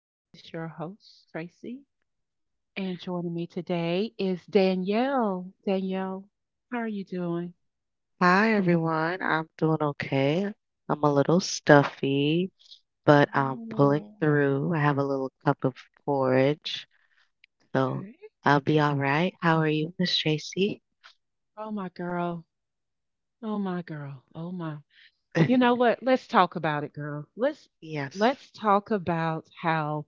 This is your host, Tracy, and joining me today is Danielle. Danielle, how are you doing? Hi everyone, I'm doing okay. I'm a little stuffy, but I'm pulling Oh, through. I have a little cup of porridge, okay. so I'll be all right. How are you, Miss Tracy? Oh, my girl. Oh, my girl. Oh, my. You know what? Let's talk about it, girl. Let's Yes, let's talk about how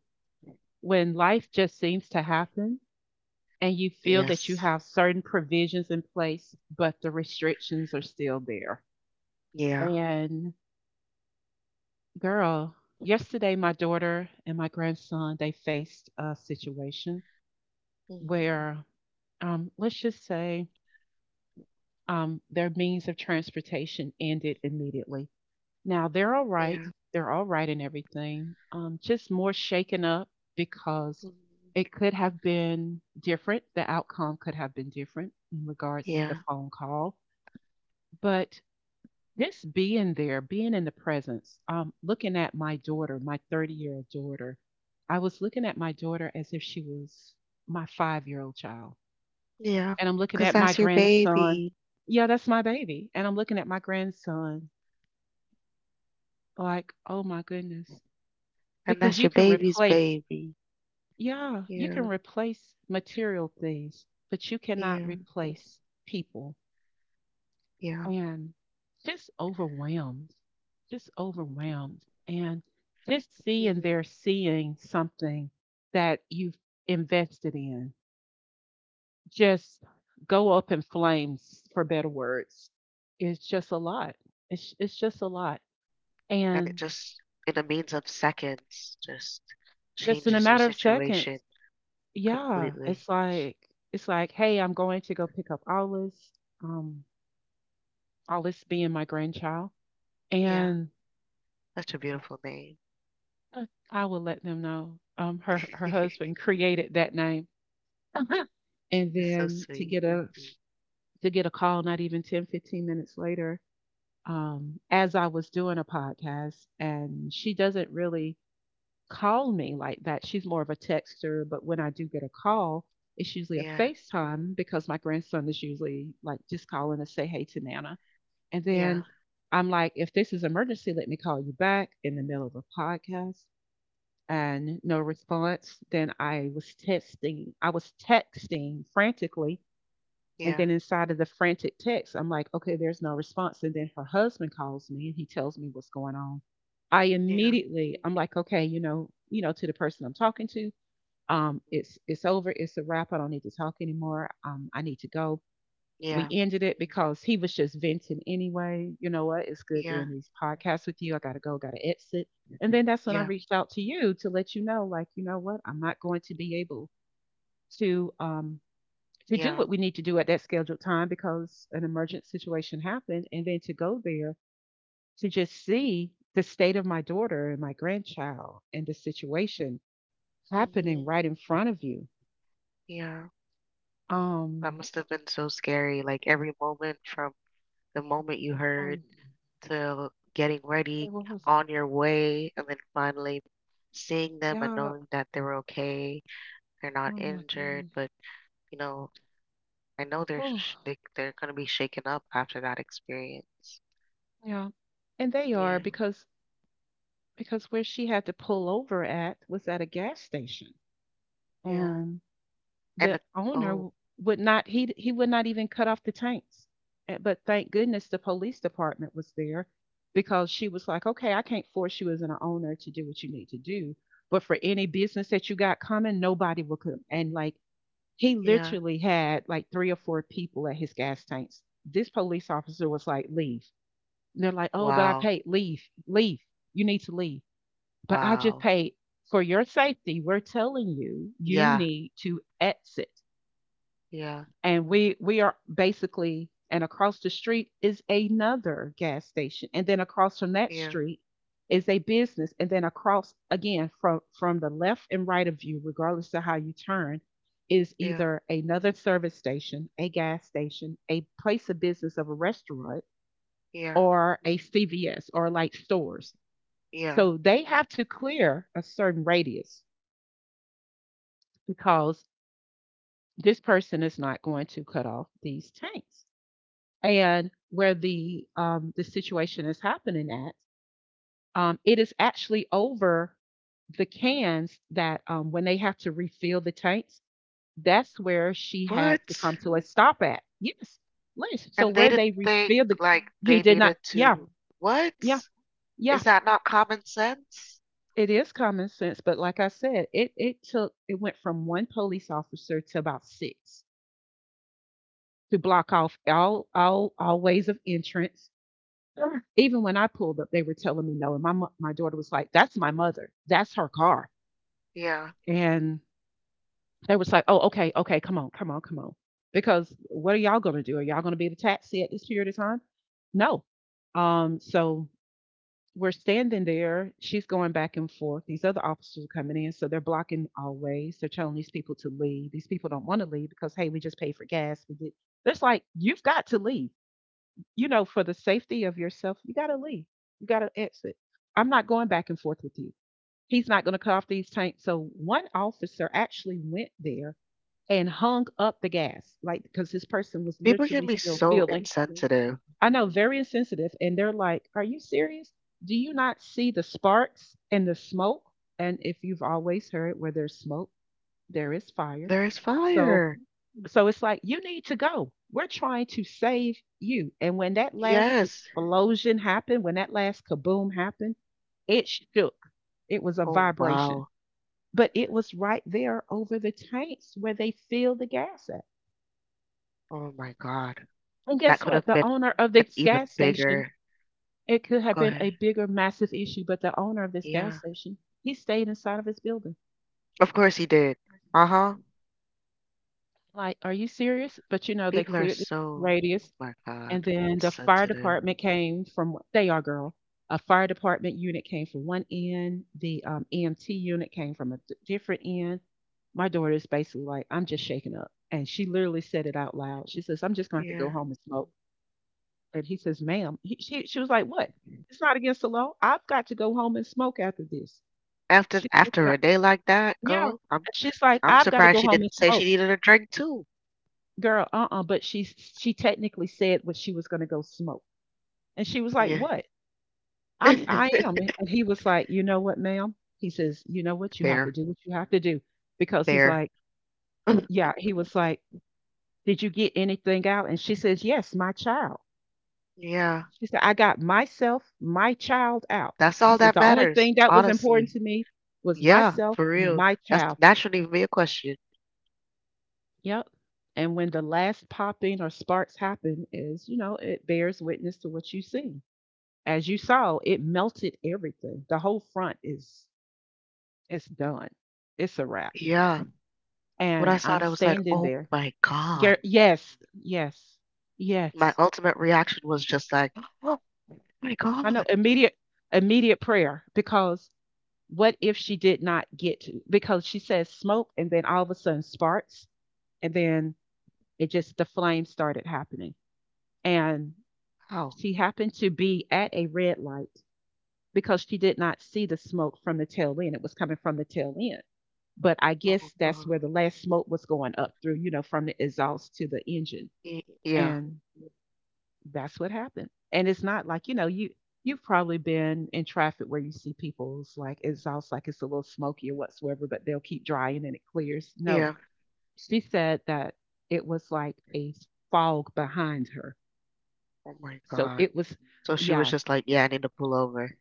when life just seems to happen and you feel that you yes, have certain provisions in place, but the restrictions are still there. yeah, And girl, yesterday my daughter and my grandson, they faced a situation mhm, where let's just say their means of transportation ended immediately. Now they're all right. yeah, They're all right and everything. Just more shaken up because mhm, it could have been different. The outcome could have been different in regards to the yeah, phone call. But just being there, being in the presence, looking at my daughter, my 30-year-old year old daughter, I was looking at my daughter as if she was my 5-year-old old child. yeah. And I'm looking at Because my that's your grandson. baby, Yeah, that's my baby. And I'm looking at my grandson like, oh my goodness. and Because you that's your can baby's replace, baby. yeah, you can Yeah, replace material things, but you cannot yeah, replace people. yeah. And just overwhelmed, just overwhelmed. And just seeing Mm. they're seeing something that you've invested in just go up in flames, for better words. It's just a lot. It's just a lot. And And it just, in a means of seconds, just just in a changes matter your of seconds, situation yeah, completely. It's like, hey, I'm going to go pick up Alice, um, Alice being my grandchild. Yeah, And such a beautiful name. Uh, I will let them know. Her husband created that name, and It's so then sweet. To get a call not even 10, 15 minutes later, as I was doing a podcast, and she doesn't really call me like that. She's more of a texter, but when I do get a call, it's usually a Yeah, FaceTime because my grandson is usually like just calling to say hey to Nana, and then yeah, I'm like, if this is emergency, let me call you back in the middle of a podcast and no response. Then I was texting frantically. And then yeah, inside of the frantic text, I'm like, okay, there's no response. And then her husband calls me and he tells me what's going on. I yeah, immediately, I'm like, okay, you know, to the person I'm talking to, it's over, it's a wrap. I don't need to talk anymore. I need to go we yeah, ended it because he was just venting anyway. You know what? It's good doing yeah, these podcasts with you. I got to go, got to exit. And then that's when I yeah, reached out to you to let you know, like, you know what? I'm not going to be able to um to do what yeah, we need to do at that scheduled time because an emergent situation happened and then to go there to just see the state of my daughter and my grandchild and the situation happening Mhm. right in front of you. yeah. That Um, must have been so scary. Like every moment from the moment you um heard to getting ready what was it? on your way, and then finally seeing them and Yeah. knowing that they're okay. They're Oh not my injured, goodness. but you know, I know they're sh- Oh. they, they're gonna be shaken up after that experience. Yeah. And they are Yeah, because where she had to pull over at was at a gas station yeah. and the And the, owner oh, w- would not he would not even cut off the tanks. But thank goodness the police department was there because she was like, "Okay, I can't force you as an owner to do what you need to do, but for any business that you got coming, nobody will come." And like he yeah. literally had like three or four people at his gas tanks. This police officer was like, "Leave." And they're like, oh, but I Wow, paid. Leave, leave. You need to leave. But I just wow. paid for your safety. We're telling you, you Yeah, need to exit. yeah, And we are basically, and across the street is another gas station, and then across from that yeah, street is a business, and then across again from the left and right of you, regardless of how you turn, is yeah, either another service station, a gas station, a place of business of a restaurant, yeah, or a CVS or like stores yeah. so they have to clear a certain radius because this person is not going to cut off these tanks. And where the situation is happening at, it is actually over the cans that when they have to refill the tanks, that's where she had What? to come to a stop at. Yes, Liz. So And where they they didn't think refill the, like he they did not. needed Yeah, to. What? yeah, yeah. Is that not common sense? It is common sense, but like I said, it went from one police officer to about six to block off all ways of entrance. Sure. Even when I pulled up, they were telling me no, and my daughter was like, "That's my mother. That's her car." Yeah. And they was like, "Oh, okay, okay, come on, come on, come on." Because what are y'all going to do? Are y'all going to be the taxi at this period of time? No. So we're standing there. She's going back and forth. These other officers are coming in, so they're blocking all ways. They're telling these people to leave. These people don't want to leave because hey, we just paid for gas. We did. It's like you've got to leave. You know, for the safety of yourself, you got to leave. You got to exit. I'm not going back and forth with you. He's not going to cut off these tanks. So one officer actually went there and hung up the gas, like because this person was People literally can be still so feeling. insensitive. I know, very insensitive. And they're like, are you serious? Do you not see the sparks and the smoke? And if you've always heard where there's smoke, there is fire. There is So fire. It's like, you need to go. We're trying to save you. And when that last Yes. explosion happened, when that last kaboom happened, it shook. It was a Oh, vibration. wow. But it was right there over the tanks where they fill the gas at. Oh my God. And That guess could what? have The been owner of an this even gas station bigger. it could have Go been a ahead. bigger, massive issue, but the owner of this gas Yeah. station, he stayed inside of his building. Of course he did. Uh huh. Like, are you serious? But you know, they People are cleared the so, oh radius, my God, and then the fire insensitive. department came from they are girl. A fire department unit came from one end. The EMT unit came from a different end. My daughter is basically like, I'm just shaken up, and she literally said it out loud. She says, I'm just gonna have to go Yeah. home and smoke. And he says, ma'am, she was like, what? It's not against the law. I've got to go home and smoke after this. After She's like, "And after a day like that, yeah. girl, And she's like, I'm I've got to surprised go she home and didn't say she smoke. needed a drink too. Girl, uh-uh. But she technically said what she was gonna go smoke. And she was like, Yeah. what? I am. And he was like, you know what, ma'am? He says, you know what? You have to Fair. do what you have to do. Because he's Fair. like, yeah, he was like, did you get anything out? And she says, yes, my child. Yeah. She said, I got myself, my child out. That's She all says, that the only matters, thing that was important honestly. to me was Yeah, myself, for real. my That's child. that shouldn't even be a question. Yep. And when the last popping or sparks happen is, you know, it bears witness to what you see. As you saw, it melted everything. The whole front is it's done. It's a wrap. Yeah. When I And saw it, I'm I was like, standing oh there. my God. Yes, yes, My yes. ultimate reaction was just like, My I God. know immediate prayer because what if she did not get to because she says smoke and then all of a sudden sparks and then it just the flame started happening. And How? she happened to be at a red light because she did not see the smoke from the tail end. It was coming from the tail end. But I Oh, guess that's where the last smoke was going up through, you know, from the exhaust to the engine. y- yeah. And that's what happened. And it's not like, you know, you've probably been in traffic where you see people's like exhaust like it's a little smoky or whatsoever, but they'll keep drying and it clears. Yeah. No. She said that it was like a fog behind her. Oh my So God. it was So she was yeah. just like, yeah, I need to pull over.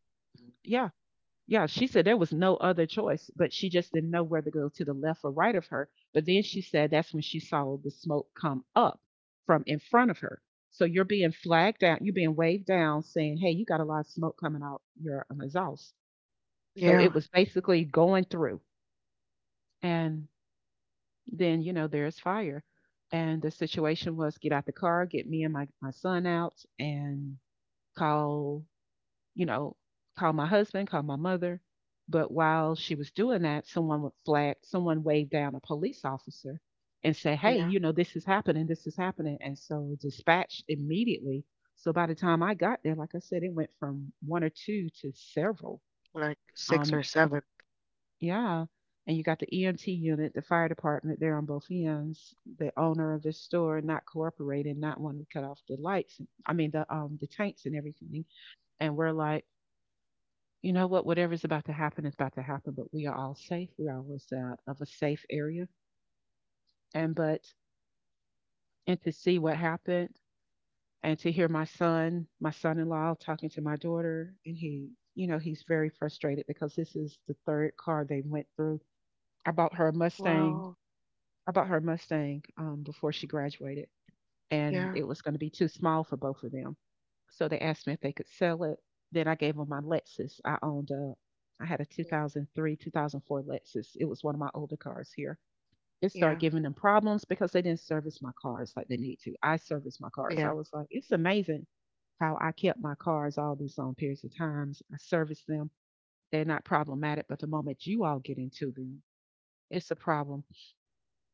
Yeah, Yeah, she said there was no other choice, but she just didn't know whether to go to the left or right of her. But then she said that's when she saw the smoke come up from in front of her. So you're being flagged down, you're being waved down saying, hey, you got a lot of smoke coming out your exhaust. So Yeah. it was basically going through. And then, you know, there's fire. And the situation was get out the car, get me and my son out, and call you know, call my husband, call my mother. But while she was doing that, someone would flag, someone waved down a police officer and say, hey, Yeah. you know, this is happening, this is happening. And so dispatched immediately. So by the time I got there, like I said, it went from one or two to several. Like six or Um, seven. yeah. And you got the EMT unit, the fire department there on both ends, the owner of the store not cooperating, not wanting to cut off the lights, I mean the tanks and everything. And we're like, you know what, whatever's about to happen is about to happen, but we are all safe. We are was of a safe area. And but and to see what happened and to hear my son, my son-in-law talking to my daughter and he's very frustrated because this is the third car they went through. I bought her a Mustang. Wow. I bought her a Mustang before she graduated, and Yeah. it was going to be too small for both of them. So they asked me if they could sell it. Then I gave them my Lexus. I had a mm, 2003, 2004 Lexus. It was one of my older cars here. It Yeah. started giving them problems because they didn't service my cars like they need to. I serviced my cars. I Yeah. was like, it's amazing how I kept my cars all these long periods of times. I serviced them. They're not problematic, but the moment you all get into them, it's a problem.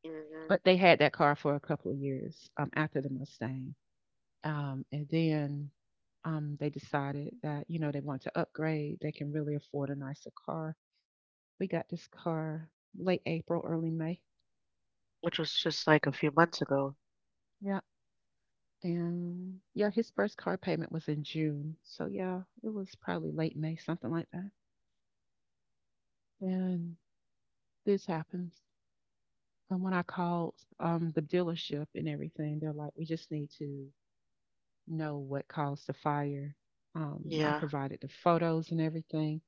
hmm But they had that car for a couple of years after the Mustang. And then they decided that, you know, they want to upgrade. They can really afford a nicer car. We got this car late April, early May. Which was just like a few months ago. Yeah. And yeah, his first car payment was in June. So yeah, it was probably late May, something like that. And this happens. And when I called the dealership and everything, they're like, we just need to know what caused the fire. I Yeah. provided the photos and everything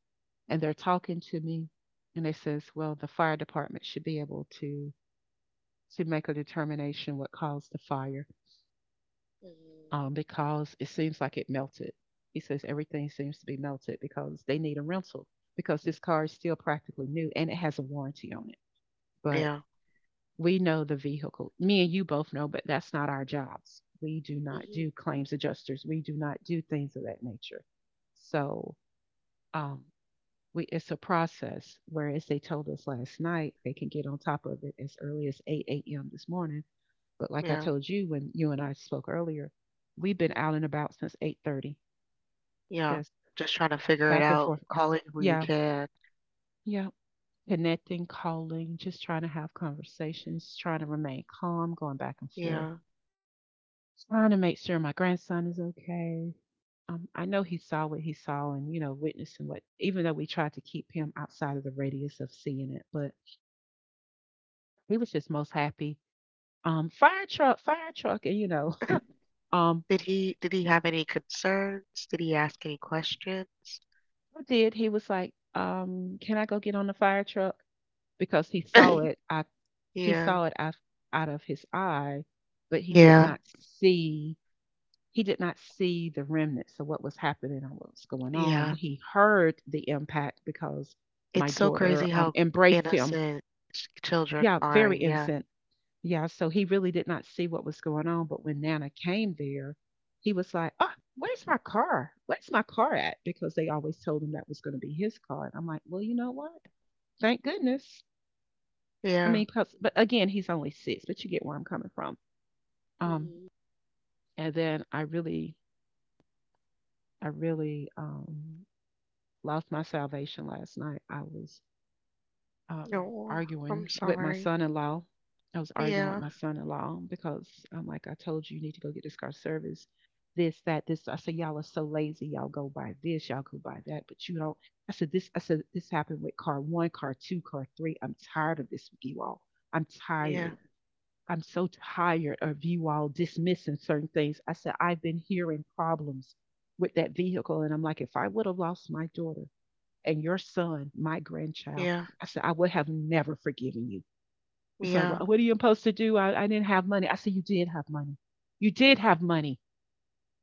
and they're talking to me and they says, well, the fire department should be able to make a determination what caused the fire hmm because it seems like it melted. He says everything seems to be melted because they need a rental because this car is still practically new and it has a warranty on it. But Yeah. we know the vehicle. Me and you both know, but that's not our jobs. We do not hmm do claims adjusters. We do not do things of that nature. So um, We it's a process. Whereas they told us last night they can get on top of it as early as 8 a.m. this morning. But like I Yeah. told you when you and I spoke earlier, we've been mhm, out and about since 8:30. Yeah. That's Just trying to figure it back and out, forth. calling who you Yeah, can. yeah. Connecting, calling, just trying to have conversations, trying to remain calm, going back and forth, Yeah. trying to make sure my grandson is okay. I know he saw what he saw and, you know, witnessing what, even though we tried to keep him outside of the radius of seeing it, but he was just most happy, fire truck, fire truck. And, you know, um, Did he have any concerns? Did he ask any questions? I did. He was like, can I go get on the fire truck? Because he saw it. I, he Yeah. saw it out, out of his eye, but he did Yeah, not see, he did not see the remnants of what was happening and what was going on. yeah. He heard the impact because my It's so daughter crazy how embraced him. innocent children Yeah, are. very Yeah, innocent. Yeah, so he really did not see what was going on, but when Nana came there, he was like, "Oh, where's my car? Where's my car at?" Because they always told him that was going to be his car, and I'm like, "Well, you know what? Thank goodness." I mean, yeah. 'cause- but again, he's only six, but you get where I'm coming from. Um, Mhm. and then I really lost my salvation last night. I was um, No, arguing I'm with my sorry. son-in-law. I was arguing with Yeah, my son-in-law because I'm like, I told you, you need to go get this car service. This, that, this. I said, y'all are so lazy. Y'all go buy this. Y'all go buy that. But you don't. I said this. I said this happened with car one, car two, car three. I'm tired of this with you all. I'm tired. yeah, I'm so tired of you all dismissing certain things. I said I've been hearing problems with that vehicle, and I'm like, if I would have lost my daughter, and your son, my grandchild, yeah, I said, I would have never forgiven you. And like, yeah. well, what are you supposed to do? I didn't have money. I said, you did have money. You did have money.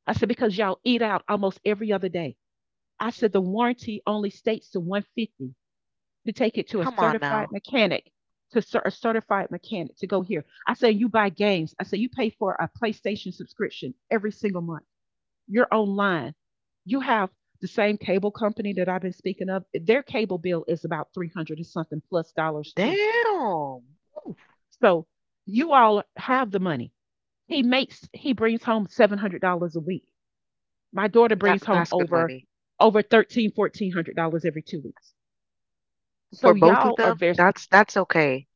I said, because y'all eat out almost every other day. I said, the Mhm. warranty only states to 150 to take it to a Come on certified now. mechanic, to cer- a certified mechanic to go here. I said, you buy games. I said, you pay for a PlayStation subscription every single month. You're online. You have the same cable company that I've been speaking of. Their cable bill is about 300 and something plus dollars too. Damn. Oof. So you all have the money. He brings home $700 a week. My daughter That brings home that's good over money over 13, $1,400 every 2 weeks. So for both of y'all are them. very That's okay.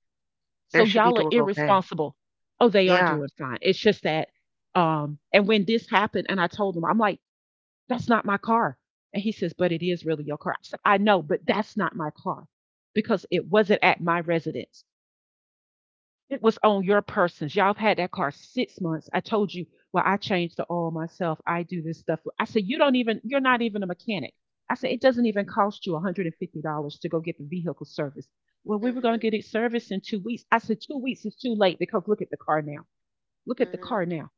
They so should be y'all are doing okay. irresponsible. Oh, they are Yeah, doing fine. It's just that and when this happened and I told them, I'm like, that's not my car. And he says, but it is really your car. I said, I know, but that's not my car because it wasn't at my residence. It was on your persons. Y'all have had that car 6 months. I told you, well, I changed the oil myself. I do this stuff. I said, you don't even, you're not even a mechanic. I said, it doesn't even cost you $150 to go get the vehicle serviced. Well, we were going to Mhm. get it serviced in 2 weeks. I said, 2 weeks is too late because look at the car now. Look at the Mhm. car now.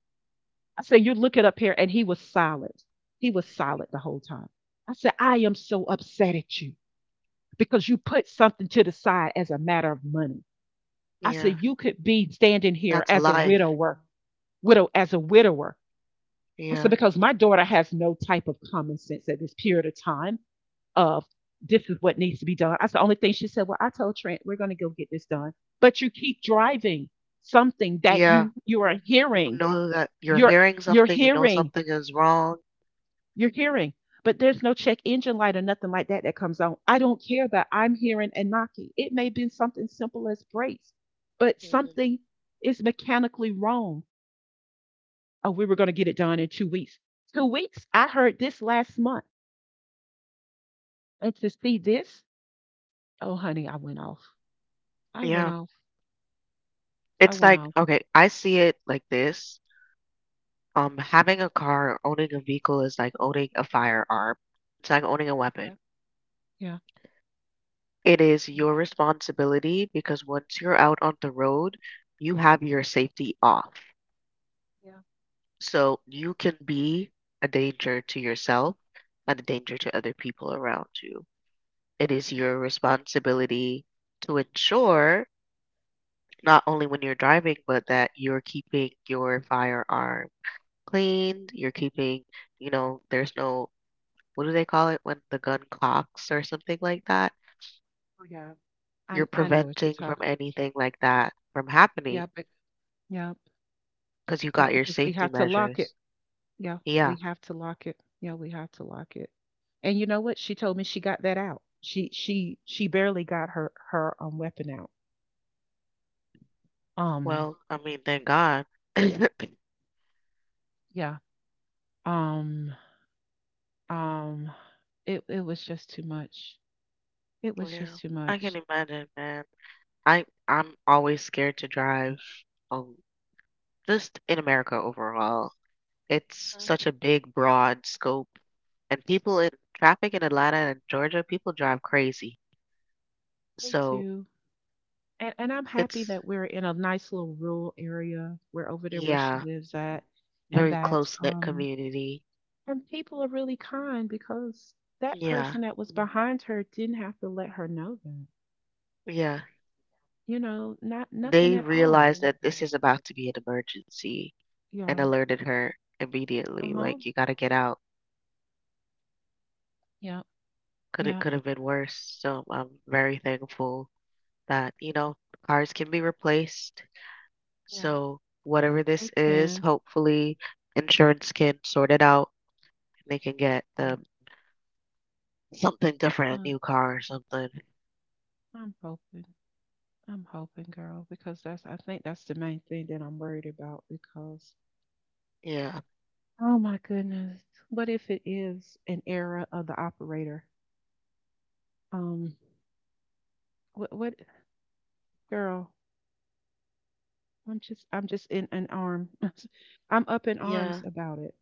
I said, you look it up here. And he was silent. He was silent the whole time. I said, I am so upset at you because you put something to the side as a matter of money. I yeah. said, you could be standing here That's a as a life. widower, widow, as a widower. I said, Yeah, because my daughter has no type of common sense at this period of time of this is what needs to be done. That's the only thing she said. Well, I told Trent, we're going to go get this done. But you keep driving something that yeah. you are You hearing. know that you're You're hearing you're something. You know hearing something is wrong. You're hearing, but there's no check engine light or nothing like that that comes on. I don't care that I'm hearing and knocking. It may have been something simple as brakes, but Mhm. something is mechanically wrong. Oh, we were going to get it done in 2 weeks. 2 weeks? I heard this last month. And to see this, oh, honey, I went off. I went Yeah. off. I It's went like, off. okay, I see it like this. Having a car or owning a vehicle is like owning a firearm. It's like owning a weapon. Okay. Yeah. It is Yeah. your responsibility because once you're out on the road, you have your safety off. Yeah. So you can be a danger to yourself and a danger to other people around you. It is your responsibility to ensure not only when you're driving, but that you're keeping your firearm clean, you're keeping, you know, there's no what do they call it when the gun cocks or something like that? Oh, yeah. You're I know what you're preventing from talking. anything like that from happening Yeah. But, yeah. because you Yeah. got your Because we safety have to lock it. measures. Yeah, Yeah. we have to lock it. Yeah, we have to lock it. And you know what? She told me she got that out. She barely got her weapon out. Um Well, I mean, thank God. yeah. Um um it it was just too much. It was Yeah. just too I can much. imagine, man. I'm always scared to drive. Um, just in America overall, it's Mhm. such a big, broad scope, and people in traffic in Atlanta and Georgia, people drive crazy. They So do. And I'm happy it's that we're in a nice little rural area. We're over there where she Yeah, lives at and very that close-knit community. and people are really kind because that Yeah, person that was behind her didn't have to let her know that. yeah. You know, not nothing They at all. realized that Mhm. this is about to be an emergency and Yeah. alerted her immediately, Uh-huh. like, you gotta get out. Yep. Could it Yep. could have been worse. So I'm very thankful that, you know, cars can be replaced. Yeah. So whatever this They is, can. hopefully insurance can sort it out and they can get Yeah, something different, a yeah. new car or something. I'm hoping. I'm hoping, girl, because that's I think that's the main thing that I'm worried about because Yeah. oh my goodness. What if it is an error of the operator? Um what girl, I'm just in an arm. I'm up in Yeah. arms about it.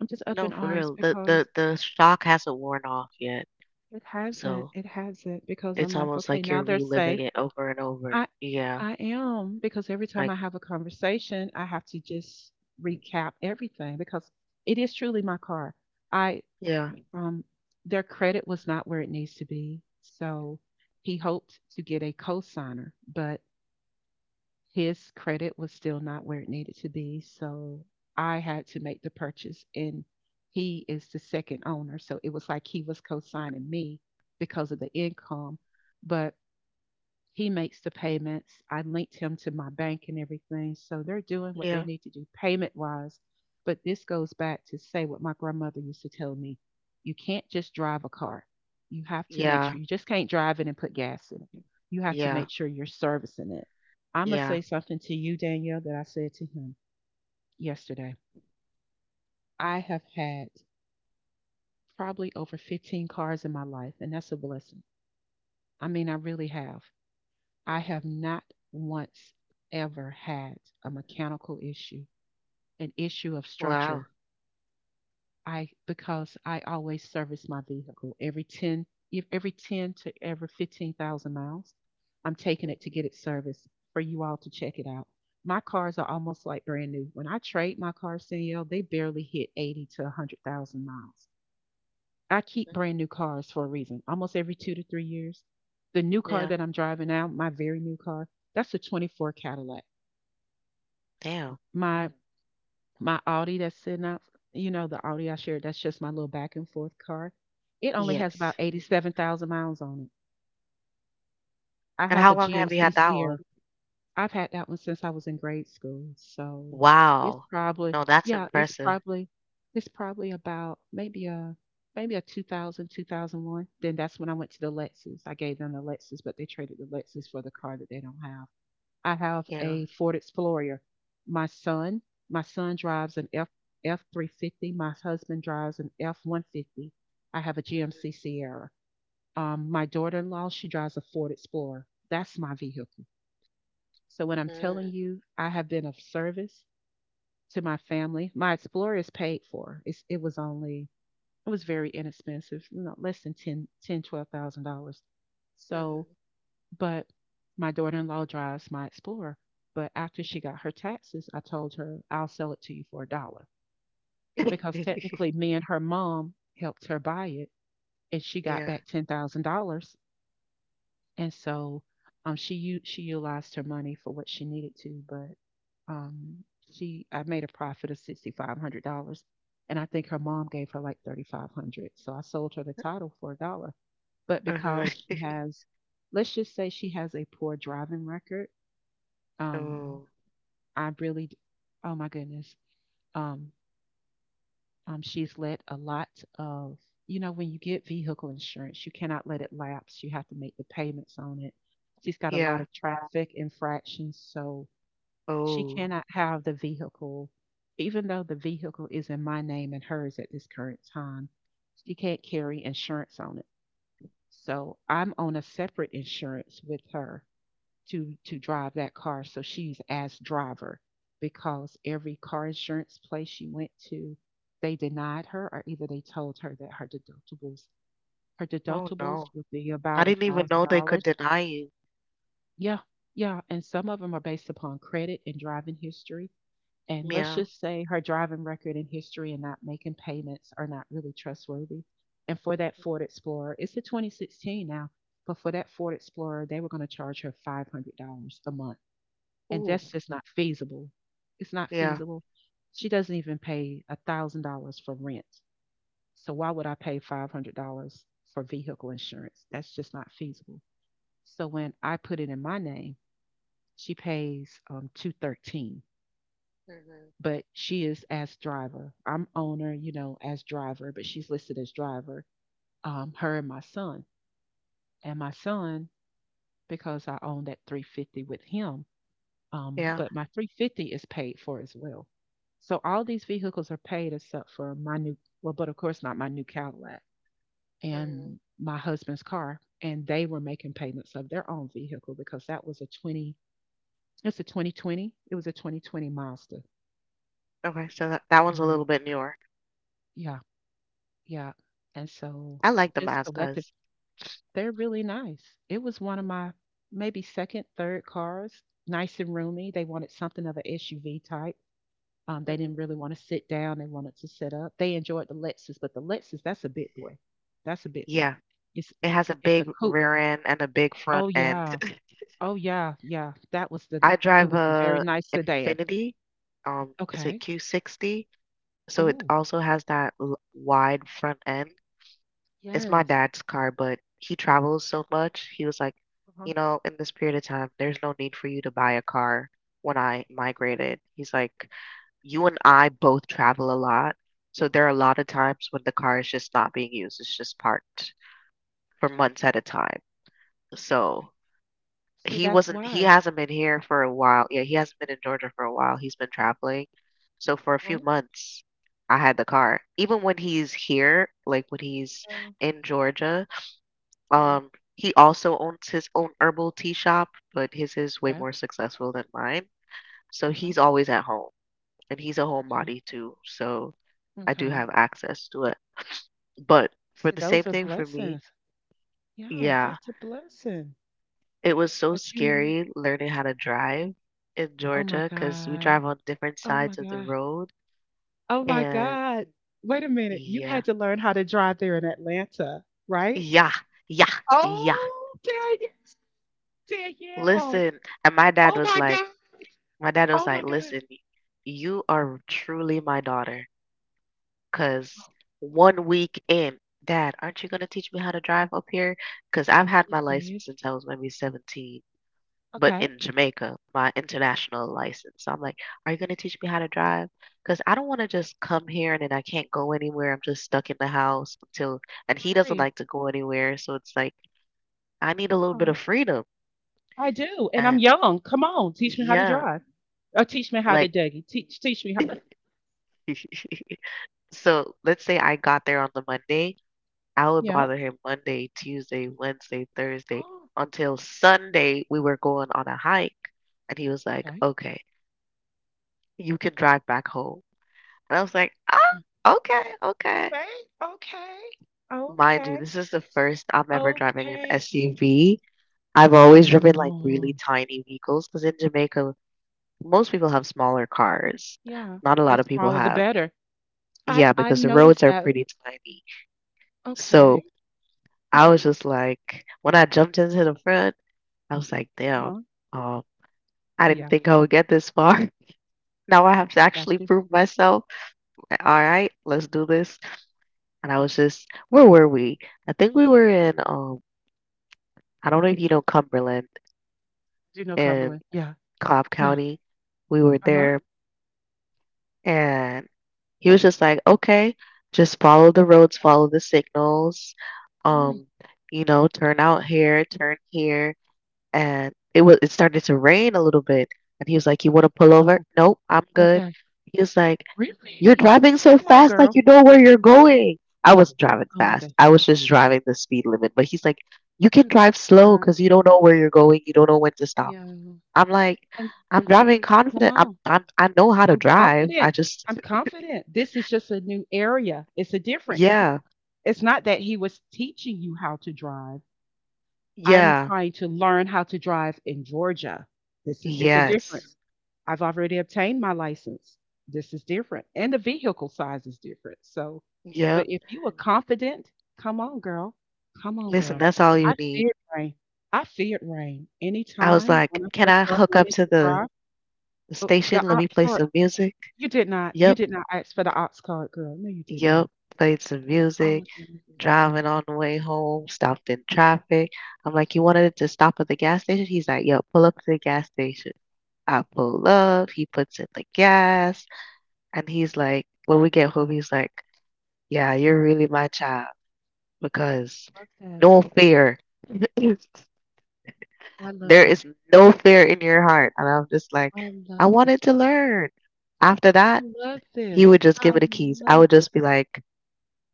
I'm just up No, in for arms real. The the because the shock hasn't worn off yet. it hasn't. So, It hasn't because it's I'm like, almost okay, like you're now they're reliving safe. it over and over. I Yeah, I am because every time like I have a conversation, I have to just recap everything because it is truly my car. I yeah, um their credit was not where it needs to be. So he hoped to get a cosigner, but his credit was still not where it needed to be. So I had to make the purchase and he is the second owner. So it was like he was co-signing me because of the income. But he makes the payments. I linked him to my bank and everything. So they're doing what they yeah, need to do payment wise. But this goes back to say what my grandmother used to tell me, you can't just drive a car. You have to make yeah, sure you just can't drive it and put gas in it. You have to yeah, make sure you're servicing it. I'm going to yeah. say something to you, Danielle, that I said to him yesterday. I have had probably over 15 cars in my life, and that's a blessing. I mean, I really have. I have Mhm. not once ever had a mechanical issue, an issue of Wow. structure. I because I always service my vehicle every 10 if every 10 to every 15,000 miles. I'm taking Mhm. it to get it serviced for you all to check it out. My cars are almost like brand new. When I trade my cars, Danielle, they barely hit 80 to 100,000 miles. I keep brand new cars for a reason. Almost every 2 to 3 years, the new car Yeah. that I'm driving now, my very new car, that's a 24 Cadillac. Damn. my my Audi that's sitting out, the Audi I shared, that's just my little back and forth car. It only has about Yes. 87,000 miles on it. I And have how a long have you GMC had that one? Sierra. I've had that one since I was in grade school. So it's Wow. probably, No, that's yeah, it's impressive. probably, it's probably about maybe a 2001. Then that's when I went to the Lexus. I gave them the Lexus, but they traded the Lexus for the car that they don't have. I have Yeah. a Ford Explorer. My son, my son drives an F 350. My husband drives an F 150. I have a Mhm. GMC Sierra. My daughter in law, she drives a Ford Explorer. That's my vehicle. So when I'm telling Mhm. you, I have been of service to my family. My Explorer is paid for. It was very inexpensive, less than ten twelve thousand dollars. So, Mhm. but my daughter-in-law drives my Explorer. But after she got her taxes, I told her I'll sell it to you for a dollar because technically me and her mom helped her buy it, and she got Yeah. back $10,000. And so, she utilized her money for what she needed to, but um, she I made a profit of $6,500, and I think her mom gave her like 3,500. So I sold her the title for a dollar, but Uh-huh. because let's just say she has a poor driving record. um, Oh. I really, oh my goodness. Um, she's let a lot of, when you get vehicle insurance, you cannot let it lapse. You have to make the payments on it. She's got a lot Yeah. of traffic infractions, so she Oh. cannot have the vehicle, even though the vehicle is in my name and hers at this current time. She can't carry insurance on it. So I'm on a separate insurance with her to drive that car. So she's asked driver because every car insurance place she went to, they denied her, or either they told her that her Oh deductibles no. would be I about a didn't even thousand know they could dollars. deny you. Yeah, yeah, and some of them are based upon credit and driving history. And let's Yeah. just say her driving record and history and not making payments are not really trustworthy. And for that Ford Explorer, it's a 2016 now, but for that Ford Explorer, they were going to charge her $500 a month, and Ooh. that's just not feasible. It's not Yeah. feasible. She doesn't even pay $1,000 for rent. So why would I pay $500 for vehicle insurance? That's just not feasible. So when I put it in my name, she pays 213, Mhm. but she is as driver. I'm owner, as driver, but she's listed as driver. Her and my son, and my son because I own that 350 with him. Yeah. But my 350 is paid for as well. So all these vehicles are paid except for well, but of course not my new Cadillac Mhm. and my husband's car. And they were making payments of their own vehicle because that was it's a 2020. It was a 2020 Mazda. Okay, so that one's a Um, little bit newer. yeah, yeah. And so I like the just collective, Mazdas. they're really nice. It was one of my maybe second, third cars, nice and roomy. They wanted something of an SUV type. They didn't Mhm. really want to sit down. They wanted to sit up. They enjoyed the Lexus, but the Lexus, that's a big boy. That's a big boy. Yeah, It's it has a it's the big coupe. rear end and a big Oh front end. yeah. Oh yeah. Yeah. That was the I It drive was a very a nice sedan. Infinity. It's a Okay. Q60, so it Oh, also has that l- wide front end. It's my yes. dad's car, but he travels so much. He was like, Uh-huh. you know, in this period of time, there's no need for you to buy a car when I migrated. He's like, you and I both travel a lot, so there are a lot of times when the car is just not being used. It's just parked for months at a time. Okay. So See, that's he wise. hasn't been here for a while. Yeah, he hasn't been in Georgia for a while. He's been traveling. So for a few Oh, months, I had the car. Even when he's here, like when he's yeah. in Georgia, Yeah. He also owns his own herbal tea shop, but his is way Okay. more successful than mine. So he's Okay. always at home, and he's a Okay. homebody too. So I do Okay. have access to it. But for See, the same those are thing for me, blessings. Yeah, yeah, that's a blessing. it was so But you, kn- scary learning how to drive in oh my Georgia because we God. drive on different Oh my sides of the God. road. Oh my And God. Wait a minute. You yeah, had to learn how to drive there in Atlanta, right? yeah, yeah, yeah. Oh, Danielle. Danielle. Listen, and my dad Oh was my like, God. my dad was Oh my like, God. listen, you are truly my daughter because Oh, one week in, Dad, aren't you going to teach me how to drive up here? Because I've are had you my serious? license since I was maybe 17 but Okay. in Jamaica, my international license. So I'm like, are you going to teach me how to drive? Because I don't want to just come here and then I can't go anywhere. I'm just stuck in the house until, and I he doesn't agree. like to go anywhere. So it's like, I need a little bit Uh, of freedom. I do. And I'm And young. Come on. Teach me how to yeah, drive. Or teach me how to like, Dougie. Teach me how. so let's say I got there on the Monday. I would Yeah. bother him Monday, Tuesday, Wednesday, Thursday Oh, until Sunday. We were going on a hike. And he was like, okay. okay, you can drive back home. And I was like, "Ah, okay, okay." Okay. Okay. Mind you, Okay. this is the first I'm ever driving an Okay. SUV. I've always driven like really Oh, tiny vehicles because in Jamaica, most people have smaller cars. yeah. Not a lot And of people smaller the have. better. I've Yeah, I've because the roads noticed are that. pretty tiny. So Okay. I was just like, when I jumped into the front, I was like, damn, Uh-huh. um, I Oh, didn't yeah, think I would get this far. Now I have to I got actually you. prove myself. All right, let's do this. And I was just, where were we? I think we were in I don't know if you know Cumberland Do you know in Cumberland. Yeah, Cobb yeah, County. We were uh-huh, there and he was just like, okay, just follow the roads, follow the signals, mhm. um, you know, turn out here, turn here. And it started to rain a little bit. And he was like, You wanna pull over? Oh, Nope, I'm good. okay. He was like, You're Really? driving so Come on, fast like girl. you know where you're going. I wasn't driving Oh my fast. god. I was just driving the speed limit. But he's like, You can drive slow Yeah, because you don't know where you're going, you don't know when to stop. yeah, I'm like, and I'm driving come confident. On. I know how to I'm drive. I confident. just, I'm confident. This is just a new area. It's a difference. yeah, It's not that he was teaching you how to drive. I'm yeah, trying to learn how to drive in Georgia. This is it's a yes, difference. I've already obtained my license. This is different. And the vehicle size is different. So, yep. but if you are confident, come on, girl. Come on, Listen, girl. that's all you I need. feared rain. I feared rain. I was Anytime like, when I can first I started hook up learning to to drive, the oh, the station? Let me ox play cart, some music. you did not. You Yep, did not ask for the ox cart, girl. No, you did not. yep. Played some Oh music, my goodness. driving on the way home, stopped in traffic. I'm like, you wanted to stop at the gas station? He's like, yep, pull up to the gas station. I pull up, he puts in the gas, and he's like, when we get home, he's like, Yeah, you're really my child because Love that. no fear. I love There that. is no fear in your heart. And I'm just like, I I love that. wanted to learn. After I that, love he this. would just give I me the keys. I love would this. just be like,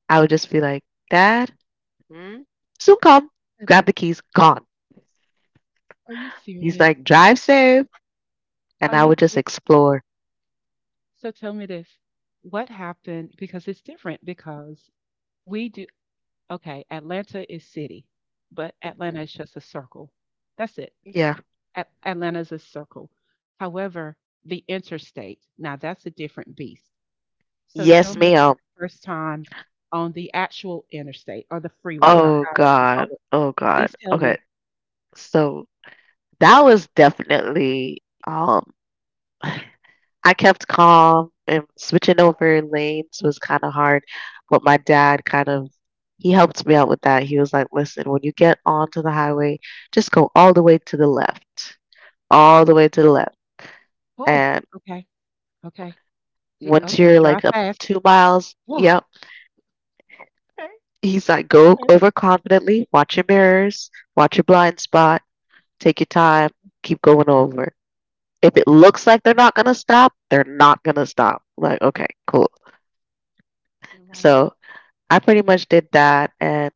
I would just be like, Dad, hmm? Soon come. I Grab l- the keys, gone. Are you He's serious? like, drive safe. And Are I you would just serious? explore. So tell me this. What happened? Because it's different because we do, okay, Atlanta is city, but Atlanta Hmm is just a circle. That's it. Yeah. Atlanta is a circle. However, the interstate, now that's a different beast. So tell Yes, me about ma'am. your first time on the actual interstate or the freeway or Oh, however you call God. it. Oh, God. Please tell Okay. me. So that was definitely, I kept calm and switching over lanes was kind of hard, but my dad kind of he helped me out with that. He was like, "Listen, when you get onto the highway, just go all the way to the left, all the way to the left, Oh, and okay, okay. He once Okay, you're like drive up fast. 2 miles, Woo, okay, yep." He's like, "Go okay. over confidently, watch your mirrors, watch your blind spot, take your time, keep going over. If it looks like they're not gonna stop, they're not gonna stop." I'm like, okay, cool. You're right. So I pretty much did that, and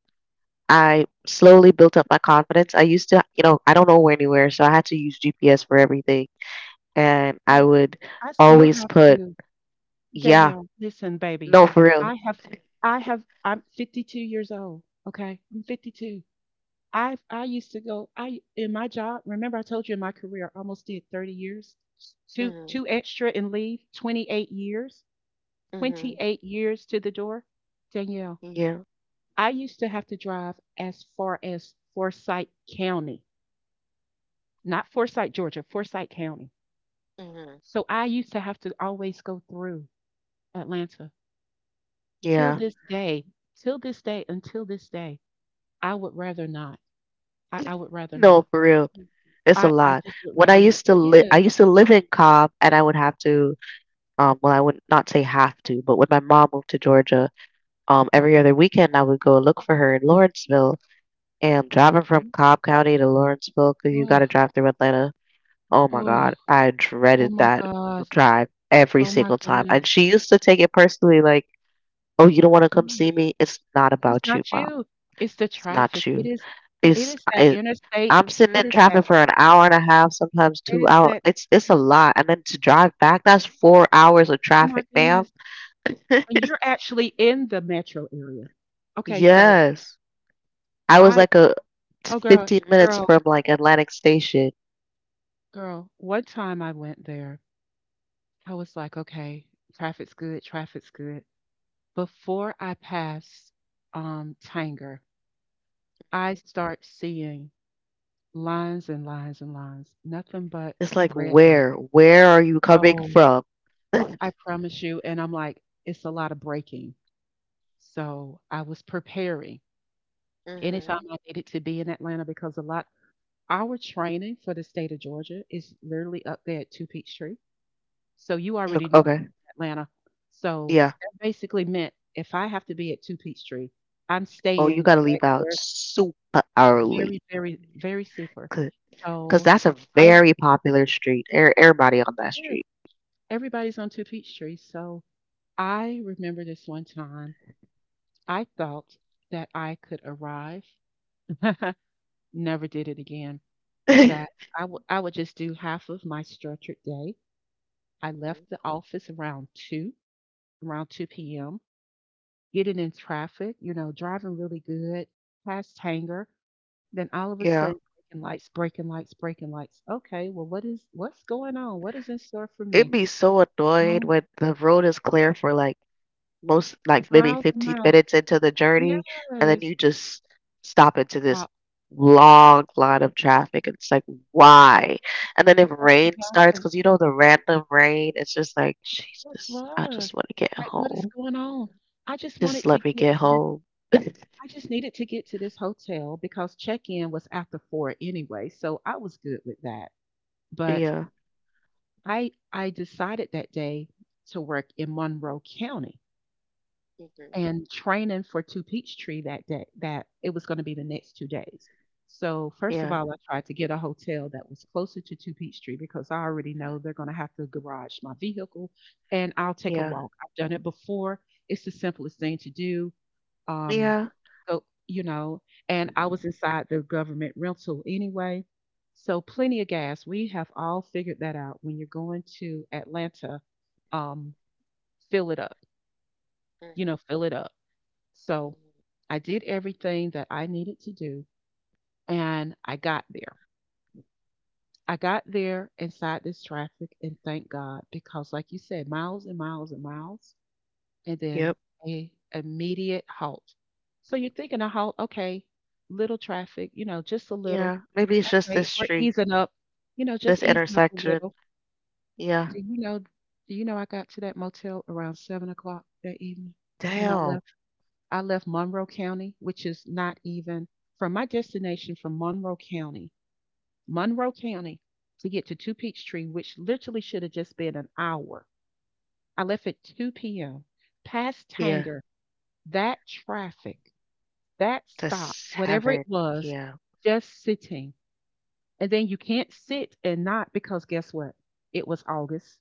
I slowly built up my confidence. I used to, you know, I don't know where anywhere, so I had to use GPS for everything. Me And I too. would I still always have put, to, Yeah, Danielle, listen, baby. no, for real. I have, I'm 52 years old. Okay. I'm 52. I used to go, in my job, remember I told you in my career, I almost did 30 years, two, Mhm. two extra and leave, Mhm. 28 years to the door. Danielle, Yeah. I used to have to drive as far as Forsyth County, not Forsyth, Georgia, Forsyth County. Mhm. So I used to have to always go through Atlanta. Till Yeah, this day, till this day, until this day, I would rather not. I would rather not. no, for real. It's a I lot. just would When I rather not. used to It live, I is. used to live in Cobb, and I would have to, well, I would not say have to, but when my mom moved to Georgia, every other weekend I would go look for her in Lawrenceville. And driving from Mhm. Cobb County to Lawrenceville, 'cause you got Oh, to drive through Atlanta. Oh my god, oh, I oh dreaded my that gosh. drive every Oh my single time, and goodness. she used to take it personally like, "Oh, you don't wanna come Mm. see me? It's not It's about you, not Mom. you. It's the It's not traffic. It you. is it It's is that it. interstate. I'm sitting It in is that traffic for an hour and a half, sometimes it 2 is hours. that It's a lot, and then to drive back, that's 4 hours of Oh my traffic, ma'am." goodness. And you're actually in the metro area. Okay, so Yes. I was I like a oh girl, 15 minutes girl, from, like, Atlantic Station. Girl, one time I went there, I was like, okay, traffic's good, traffic's good. Before I pass Tanger, I Mhm. start seeing lines and lines and lines, nothing but It's like red lights. where? Where are you coming So from? I promise you, and I'm like, it's a lot of braking. So I was preparing anytime Mhm. I needed to be in Atlanta because a lot our training for the state of Georgia is literally up there at Two Peachtree. So you Ok- already know Okay. Atlanta. So, Yeah. that basically meant if I have to be at 2 Peachtree, I'm Oh, you staying gotta right leave out there. super Very, early. very, very super. c- Cause So, that's a I it very popular street. Everybody on that is. street. Everybody's on 2 Peachtree. So, I remember this one time, I thought that I could arrive. Never did it again. That I would just do half of my structured day. I left the office around 2 p.m. getting in traffic, driving really good, past Hanger, then all of a Yeah. sudden breaking lights, breaking lights, breaking lights. Okay, well what's going on? What is in store for It'd me? be so annoying Um, when the road is clear for like most, like maybe Miles and 15 miles. minutes into the Yes. journey, and then you just stop into this Stop. long line of traffic. And it's like, why? And then if That's what rain starts, happened. because you know the random rain, it's just like, What Jesus, I just was? want to get Like what is home. going on? I just Just wanted to let me get get to this home. I just needed to get to this hotel because check-in was after four anyway, so I was good with that. But Yeah. I decided that day to work in Monroe County Mhm. and training for Two Peachtree that day that it was gonna be the next 2 days. So, first of Yeah, all, I tried to get a hotel that was closer to Two Peachtree because I already know they're gonna have to garage my vehicle, and I'll take a yeah, walk. I've done it before. It's the simplest thing to do. Um, yeah. You know, and I was inside the government rental anyway. So, plenty of gas. We have all figured that out. When you're going to Atlanta, um, fill it up, you know, Mhm. fill it up. So, Mhm. I did everything that I needed to do and I got there. I got there inside this traffic and thank God because, like you said, miles and miles and miles, and then Yep. a immediate halt. So you're thinking a halt, okay, little traffic, you know, just a little. Yeah. Maybe it's just Okay, this we're street, easing up, you know, just this easing up a intersection. little. Yeah. Do you know? Do you know I got to that motel around 7 o'clock that evening, and I Damn. left. I left Monroe County, which is not even from my destination from Monroe County, Monroe County, to get to Two Peachtree, which literally should have just been an hour. I left at two p.m. Past Yeah. Tanger, that traffic, that The stop, whatever seven, it was, yeah. just sitting. And then you can't sit and not because guess what? It was August.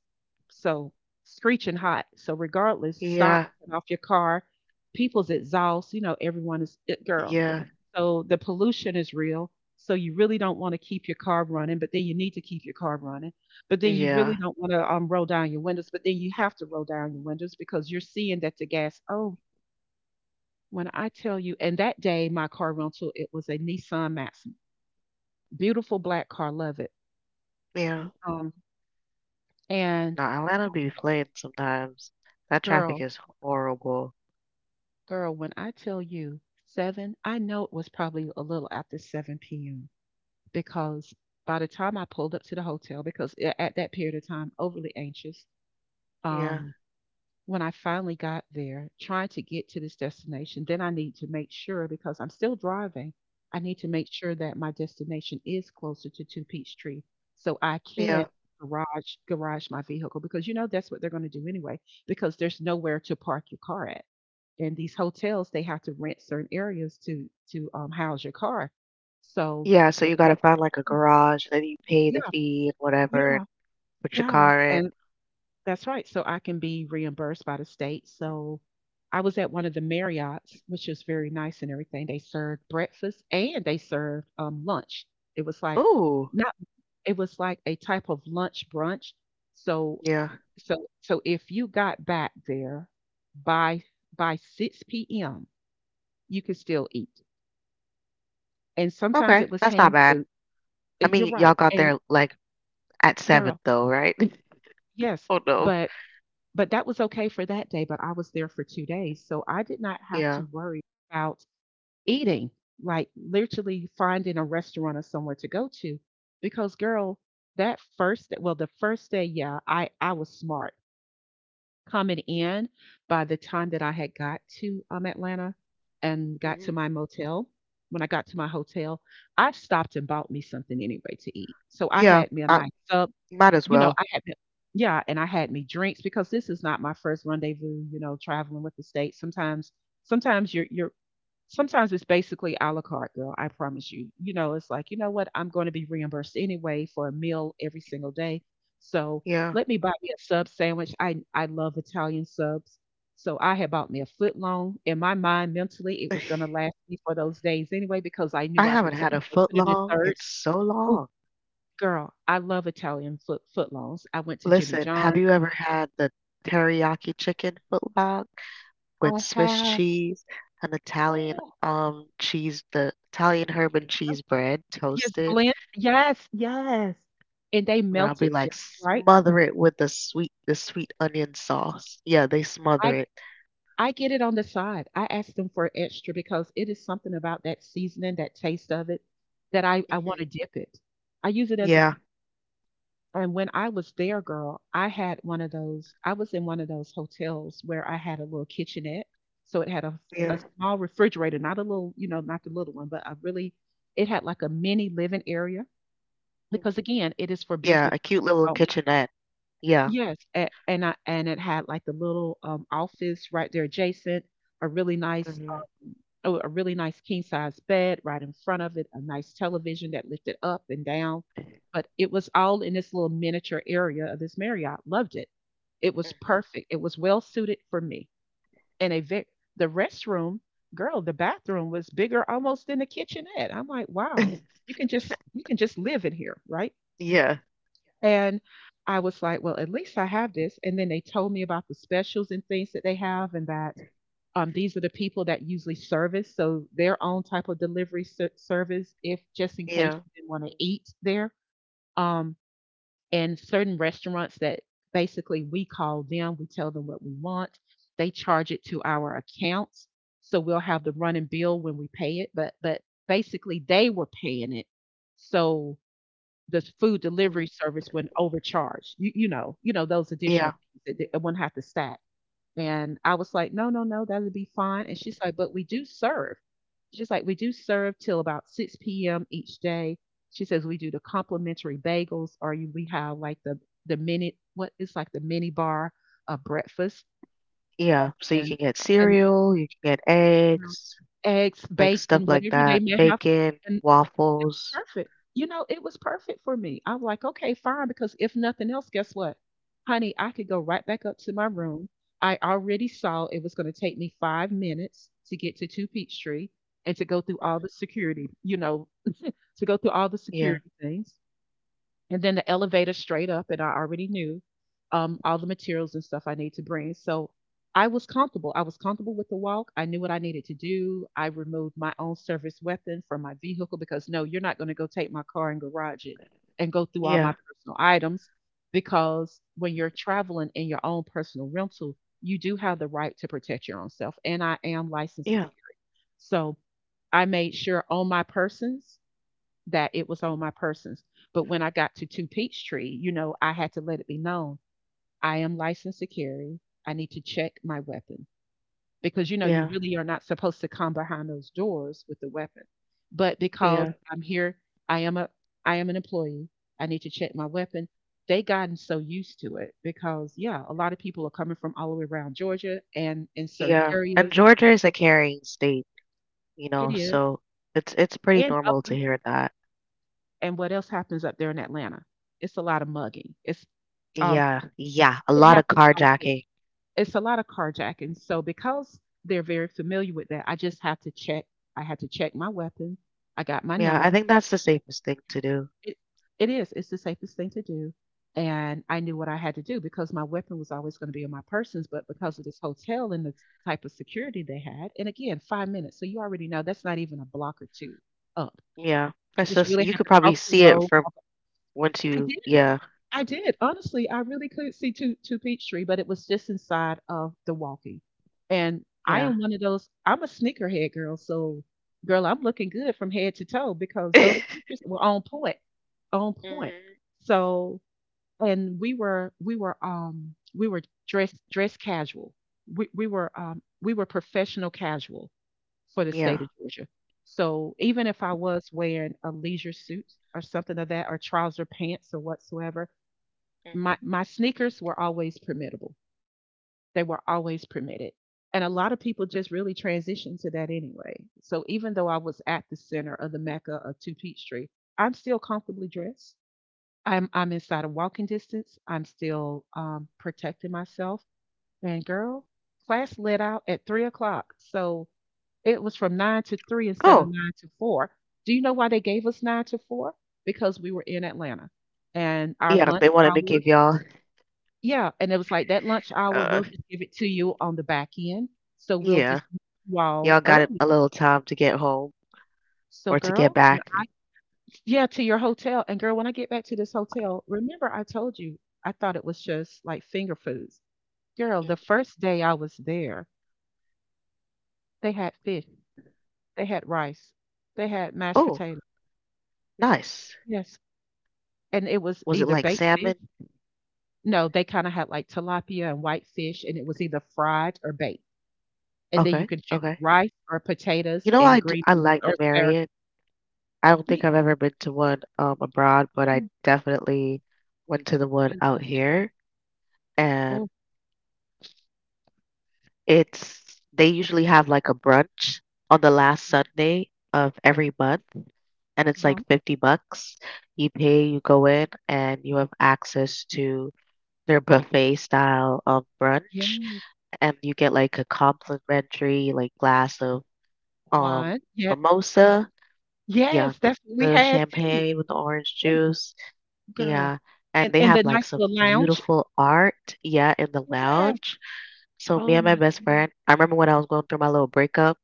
So screeching hot. So regardless, stop, Yeah, turn off your car. People's exhaust, you know, everyone is it girl. yeah, So the pollution is real. So you really don't want to keep your car running, but then you need to keep your car running. But then you really yeah, don't want to roll down your windows, but then you have to roll down your windows because you're seeing that the gas, oh, when I tell you, and that day my car rental, it was a Nissan Maxima, beautiful black car, love it. yeah. Um, and No, Atlanta be playing sometimes. That traffic girl, is horrible. girl, when I tell you seven, I know it was probably a little after 7 p.m. because by the time I pulled up to the hotel, because a- at that period of time, overly anxious, Yeah, um, when I finally got there, trying to get to this destination, then I need to make sure because I'm still driving, I need to make sure that my destination is closer to Two Peachtree so I can yeah. garage my vehicle because you know that's what they're going to do anyway because there's nowhere to park your car at. And these hotels they have to rent certain areas to house your car. So Yeah, so you gotta find wh- like a garage, then you pay the yeah, fee and whatever, and yeah, put your yeah. car in. And that's right. So I can be reimbursed by the state. So I was at one of the Marriotts, which was very nice and everything. They served breakfast and they served lunch. It was like Ooh, not. It was like a type of lunch brunch. So yeah. so if you got back there by by 6 p.m., you could still eat. And sometimes Okay, it was that's not hand bad. food. I You're mean, right. y'all got And there like at 7 girl, though, right? yes, Oh no. but But that was okay for that day, but I was there for 2 days, so I did not have Yeah. to worry about eating, like, literally finding a restaurant or somewhere to go to because, girl, that first well, the first day, yeah, I was smart. Coming in, by the time that I had got to, Atlanta and got to hmm my motel when I got to my hotel, I stopped and bought me something anyway to eat. So I Yeah, had me a I nice sub, might as you know, well. I had me, yeah, and I had me drinks because this is not my first rendezvous, you know, traveling with the state. Sometimes sometimes you're sometimes it's basically a la carte, girl, I promise you. You know, it's like, you know what, I'm going to be reimbursed anyway for a meal every single day. So Yeah. let me buy me a sub sandwich. I love Italian subs. So I had bought me a foot long. In my mind, mentally, it was gonna last me for those days anyway because I I knew I haven't could t- had you a know, foot put it in long in thirds. so long. Girl, I love Italian footlongs. I went to Jimmy Listen, have John's. you ever had the teriyaki chicken foot long with I Swiss have. cheese and Italian, Oh, cheese the Italian herb and cheese bread yes, toasted? blend. Yes, yes. And they And I'll melt be it just like, right. smother it with the sweet onion sauce. Yeah, they smother I it. I get it on the side. I ask them for extra because it is something about that seasoning, that taste of it, that I want to Mhm. dip it. I use it as a, Yeah, and when I was there, girl, I had one of those, I was in one of those hotels where I had a little kitchenette. So it had a yeah. small refrigerator, not a little, you know, not the little one, but a really, it had like a mini living area Mhm. because again, it is for Yeah, business a cute purposes little only. kitchenette. Yeah. Yes, a- and I, and it had like the little office right there adjacent, a really nice hmm a really nice king size bed right in front of it, a nice television that lifted up and down. But it was all in this little miniature area of this Marriott. Loved it. It was hmm perfect. It was well suited for me. And a ve- the restroom, girl, the bathroom was bigger almost than the kitchenette. I'm like, wow, you can just you can just live in here, right? Yeah, And I was like, well, at least I have this. And then they told me about the specials and things that they have, and that these are the people that usually service, so their own type of delivery ser- service, if just in case yeah. you didn't want to eat there. Um, and certain restaurants that basically we call them, we tell them what we want. They charge it to our accounts, so we'll have the running bill when we pay it. But basically, they were paying it, so the food Mm. delivery service wouldn't overcharge. You know those additional Yeah, fees that it wouldn't have to stack. And I was like, "No, no, no, that'll be fine." And she's like, "But we do serve." She's like, "We do serve till about 6 p.m. each day." She says, "We do the complimentary bagels, or you, we have like the mini what it's like the mini bar of breakfast yeah. So you can and get and cereal, you can get you know, eggs, eggs, like stuff bacon, like whatever they that, may have." bacon, It was waffles. perfect. You know, it was perfect for me. I'm like, okay, fine, because if nothing else, guess what? Honey, I could go right back up to my room. I already saw it was going to take me 5 minutes to get to Two Peachtree and to go through Mhm. all the security, you know, to go through all the Yeah, security things and then the elevator straight up. And I already knew all the materials and stuff I need to bring. So I was comfortable. I was comfortable with the walk. I knew what I needed to do. I removed my own service weapon from my vehicle because no, you're not going to go take my car and garage it and go through all my yeah, personal items because when you're traveling in your own personal rental, you do have the right to protect your own self, and I am licensed yeah, security. So I made sure on my persons that it was on my persons. But when I got to Two Peachtree, you know, I had to let it be known I am licensed to carry. I need to check my weapon because, you know, you yeah, really are not supposed to come behind those doors with the weapon. But because yeah, I'm here, I am a I am an employee. I need to check my weapon. They gotten so used to it because yeah, a lot of people are coming from all the way around Georgia and in certain yeah. And areas. Georgia is a carrying state, you It know, is. so it's pretty And up normal to hear that. and what else happens up there in Atlanta? It's a lot of mugging. Um Yeah, yeah, a It lot of happens often. carjacking. It's a lot of carjacking, so because they're very familiar with that, I just have to check, I had to check my weapon, I got my Yeah, number. I think that's the safest thing to do. It it is, it's the safest thing to do, and I knew what I had to do because my weapon was always gonna be in my persons, but because of this hotel and the type of security they had and again, 5 minutes, so you already know that's not even a block or 2 up. Yeah, I that's just just really you had could to probably cross the see it road, from walk. once I you. did. Yeah, I did. Honestly, I really couldn't see two Peachtree, but it was just inside of Milwaukee. And I yeah, am one of those I'm a sneakerhead girl, so girl, I'm looking good from head to toe because those sneakers were on point. On point. Mhm. So and we were dress casual. We were professional casual for the Yeah. state of Georgia. So even if I was wearing a leisure suit or something of that or trouser pants or whatsoever, Mhm. my sneakers were always permittable. They were always permitted. And a lot of people just really transitioned to that anyway. So even though I was at the center of the mecca of Two Peachtree, I'm still comfortably dressed. I'm inside of walking distance. I'm still protecting myself. And girl, class let out at 3 o'clock, so it was from nine to three instead of Oh, nine to four. Do you know why they gave us 9 to 4? Because we were in Atlanta, and our yeah, lunch they wanted to hour, give y'all. yeah, and it was like, "That lunch hour, Uh, we'll just give it to you on the back end, so we'll yeah, just meet you all y'all got early. a little time to get home. So, Or to get girl, when back? I..." Yeah, to your hotel. "And girl, when I get back to this hotel, remember I told you I thought it was just, like, finger foods. Girl, the Mm. first day I was there, they had fish, they had rice, they had mashed Oh, potatoes." nice. Yes, and it was Was it either like baked fish. salmon? No, they kinda had, like, tilapia and white fish, and it was either fried or baked. And then you Okay, can choose okay. rice or You potatoes know, and I, d- green I beans like or the Marriott. asparagus. I don't think Me, I've ever been to one abroad, but I mm, definitely went to the one I out loved it. here, and Oh, it's they usually have like a brunch on the last yeah, Sunday of every month, and it's uh-huh. like $50. You pay, you go in, and you have access to their buffet style of brunch. Yes, And you get like a complimentary like glass of um wine. Yep. Y mimosa. Yeah, Yes, that's what we the had too. champagne with the orange Oh, juice. girl. Yeah, and they And the have nice like some little lounge. beautiful art. Yeah, in the Yes. lounge. So me Oh and my my best goodness. friend, I remember when I was going through my little breakup,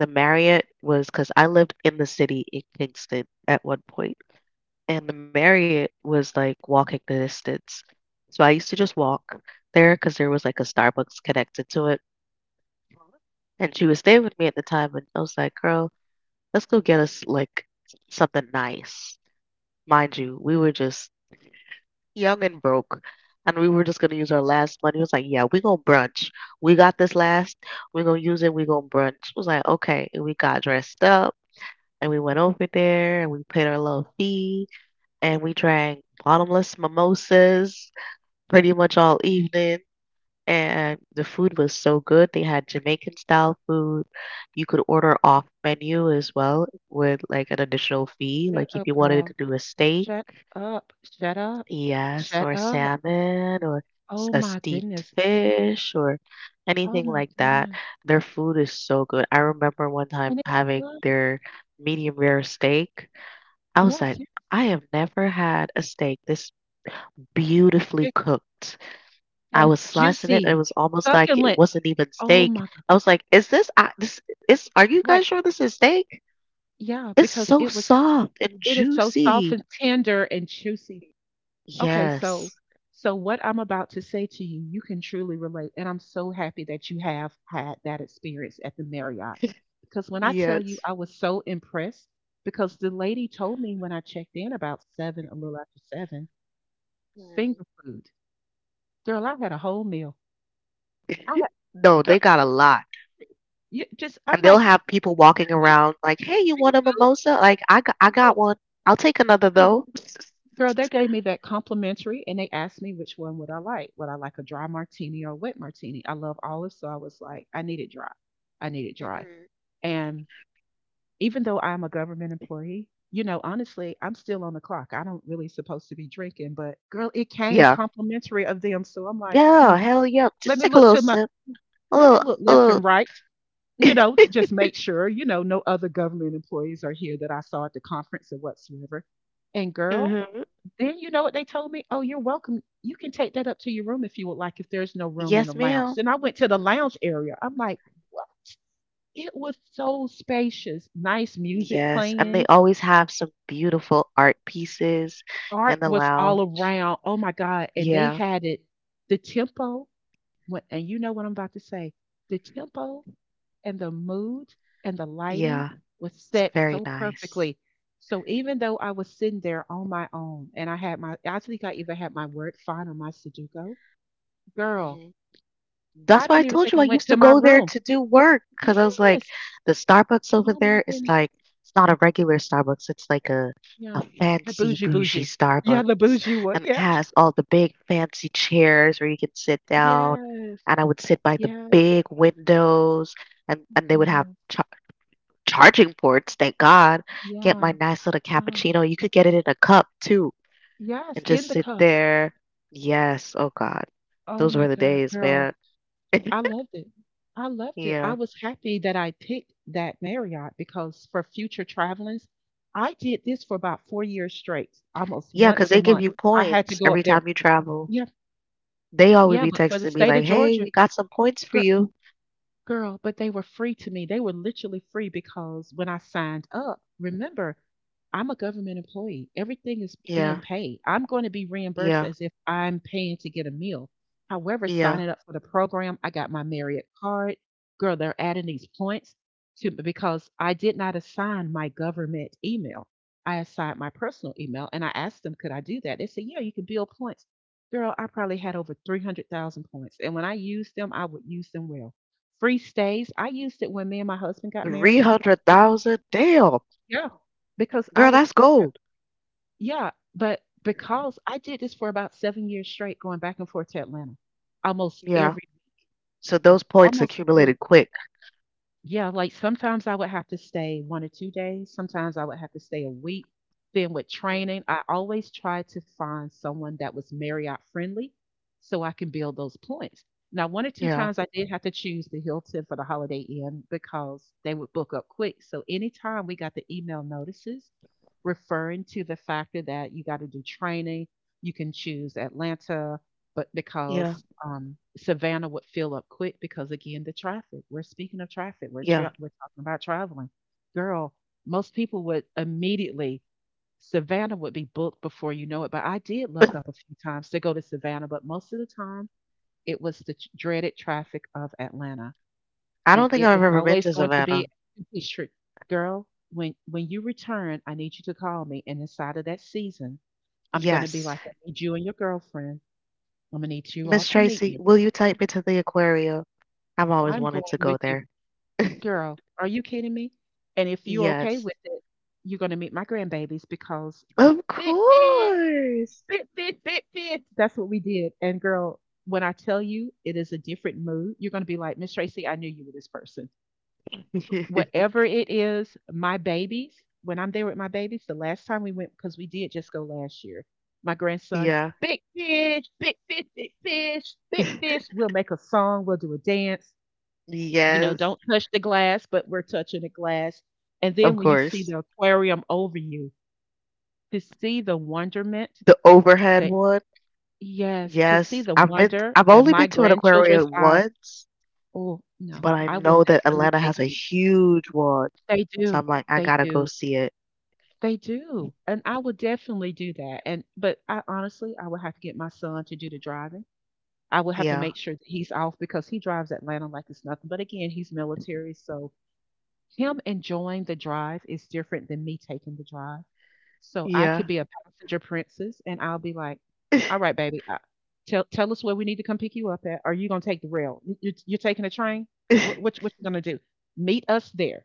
the Marriott was because I lived in the city in Kingston at one point, and the Marriott was like walking the distance. So I used to just walk there because there was like a Starbucks connected to it. And she would stay with me at the time, and I was like, "Girl, let's go get us like something nice." Mind you, we were just young and broke, and we were just gonna use our last money. It was like, "Yeah, we gonna brunch. We got this last. We're gonna use it. We gonna brunch." It was like, "Okay," and we got dressed up. And we went over there and we paid our little fee and we drank bottomless mimosas Oh, pretty much all evening. And the food was so good. They had Jamaican style food. You could order off menu as well with like an additional fee. shut Like up, if you girl. wanted to do a steak, Shut up. Shut up. yes, Shut or up. salmon, or Oh a my steamed goodness. fish, or Oh anything my like that. goodness. Their food is so good. I remember one time And it having was. their medium rare steak. I was Yes, like, yes. I have never had a steak this beautifully Yes. cooked. I And was slicing it, it juicy, was almost like it succulent. wasn't even Oh steak. my God. I was like, "Is this I this is Are you Right. guys sure this is steak? Yeah, It's because so it was, soft and it is so soft juicy." and tender and juicy. Okay, so Yes. so what I'm about to say to you, you can truly relate. And I'm so happy that you have had that experience at the Marriott. Because when I tell you Yes. I was so impressed, because the lady told me when I checked in about 7, a little after 7, Mm. finger food. Girl, I had a whole meal. I had, No, girl, they got a lot. you just I'm And they'll like, have people walking "Honey, around like, "Hey, you finger want a food? mimosa?" Like, "I got I Yes, got one. I'll take another though." girl, they gave me that complimentary and they asked me which one would I like. Would I like a dry martini or a wet martini? I love olive, so I was like, I need it dry. I need it dry. hmm And even though I'm a government employee, you know, honestly, I'm still on the clock. I don't really supposed to be drinking, but girl, it came Yeah. complimentary of them. So I'm like, 'Hmm, Yeah, hell yeah. let Just me take a look little to my sip. A let me little, look a left little. and right, to just make sure, no other government employees are here that I saw at the conference or whatsoever.' And girl, hmm then you know what they told me? 'Oh, you're welcome. You can take that up to your room if you would like, if there's no room in the Yes, lounge.' ma'am. Then I went to the lounge area. I'm like, 'What?' It was so spacious, nice music Yes, and they playing, always have some beautiful art pieces in art the was all lounge. around. Oh my God. And they Yeah, had it, the tempo, and you know what I'm about to say, the tempo and the mood and the lighting yeah, was it's set very so nice. perfectly. So even though I was sitting there on my own and I had my, I think I even had my word fine on my Sudoku, girl, Hmm I That's why don't I even told think I you I went used to to my go there room." to do work because I was like, Yes. the Starbucks over Oh my there is goodness. like, it's not a regular Starbucks, it's like a Yeah. The fancy bougie bougie bougie. Yeah, Starbucks. the bougie one. And it Yeah. has all the big fancy chairs where you can sit down. Yes. And I would sit by the Yes. big windows and they would have Yes. ch charging ports, thank God. Get my Yeah. nice little Yeah. cappuccino. You could get it in a cup too Yes. and In just the sit cup. there. Yes. Oh God. Oh Those my were the God, days, girl. man. I loved it. I loved it. I Yeah. was happy that I picked that Marriott because for future travelings, I did this for about 4 years straight, almost Yeah, 'cause once a they give month. you I had to points go every up there. time you travel. Yeah. They always Yeah. be But for the texting me state like, of "Hey, Georgia, we got some points for girl. you." Girl, but they were free to me. They were literally free because when I signed up, remember, I'm a government employee. Everything is being Yeah. paid. I'm going to be reimbursed Yeah. as if I'm paying to get a meal. However, Yeah. signing up for the program, I got my Marriott card. Girl, they're adding these points to, because I did not assign my government email. I assigned my personal email and I asked them, could I do that? They said, yeah, you can build points. Girl, I probably had over 300,000 points. And when I used them, I would use them well. Free stays. I used it when me and my husband got married. We, 300,000. Damn. yeah, because I Girl, was, that's uh, gold. yeah, but because I did this for about 7 years straight, going back and forth to Atlanta, almost Yeah. every, So those points almost every. accumulated quick. Yeah, like sometimes I would have to stay 1 or 2 days, sometimes I would have to stay a week. Then with training, Mm, I always try to find someone that was Marriott friendly so I can build those points. Now, 1 or 2 yeah. times I did have to choose the Hilton for the Holiday Inn because they would book up quick. So anytime we got the email notices referring to the factor that you got to do training, you can choose Atlanta, but Yeah. because, Savannah would fill up quick because, again, the traffic. We're speaking of traffic. We're Yeah. tra we're talking about traveling. Girl, most people would immediately Savannah would be booked before you know it, but I did look up a few times to go to Savannah, but most of the time, it was the tr dreaded traffic of Atlanta, I and don't think it I've was ever been always to going to Savannah. be a street. Girl, when you return, I need you to call me, and inside of that season, I'm gonna be Yes. like, "I need you and your girlfriend. I'm gonna need you all Miss to meet Tracy, me." will you type into the aquarium? I've always I'm going wanted to go with you. there. Girl, are you kidding me? And if you okay Yes. with it, you're gonna meet my grandbabies because Of big fish, course. big fish, big fish. That's what we did. And girl, when I tell you it is a different mood, you're gonna be like, Miss Tracy, I knew you were this person. Whatever it is, my babies, when I'm there with my babies, the last time we went, because we did just go last year, my grandson, Yeah. big fish, big fish, big fish, big fish. We'll make a song, we'll do a dance, Yes. don't touch the glass, but we're touching the glass. And Of then when you see course. the aquarium over you, to see the wonderment The overhead that, one. yes, to see Yes. the I've been wonder I've in only my been to an grandchildren's aquarium eyes, once, oh, no, but I I will know that definitely Atlanta take has a you. huge one. They So do. I'm like, I They gotta go do. see it. They do. And I will definitely do that. And but I honestly, I will have to get my son to do the driving. I will have to Yeah. make sure that he's off because he drives Atlanta like it's nothing. But again, he's military, so him enjoying the drive is different than me taking the drive. So I Yeah. could be a passenger princess and I'll be like, all right, baby, tell us where we need to come pick you up at. Are you going to take the rail? You're taking a train? What you going to do? Meet us there.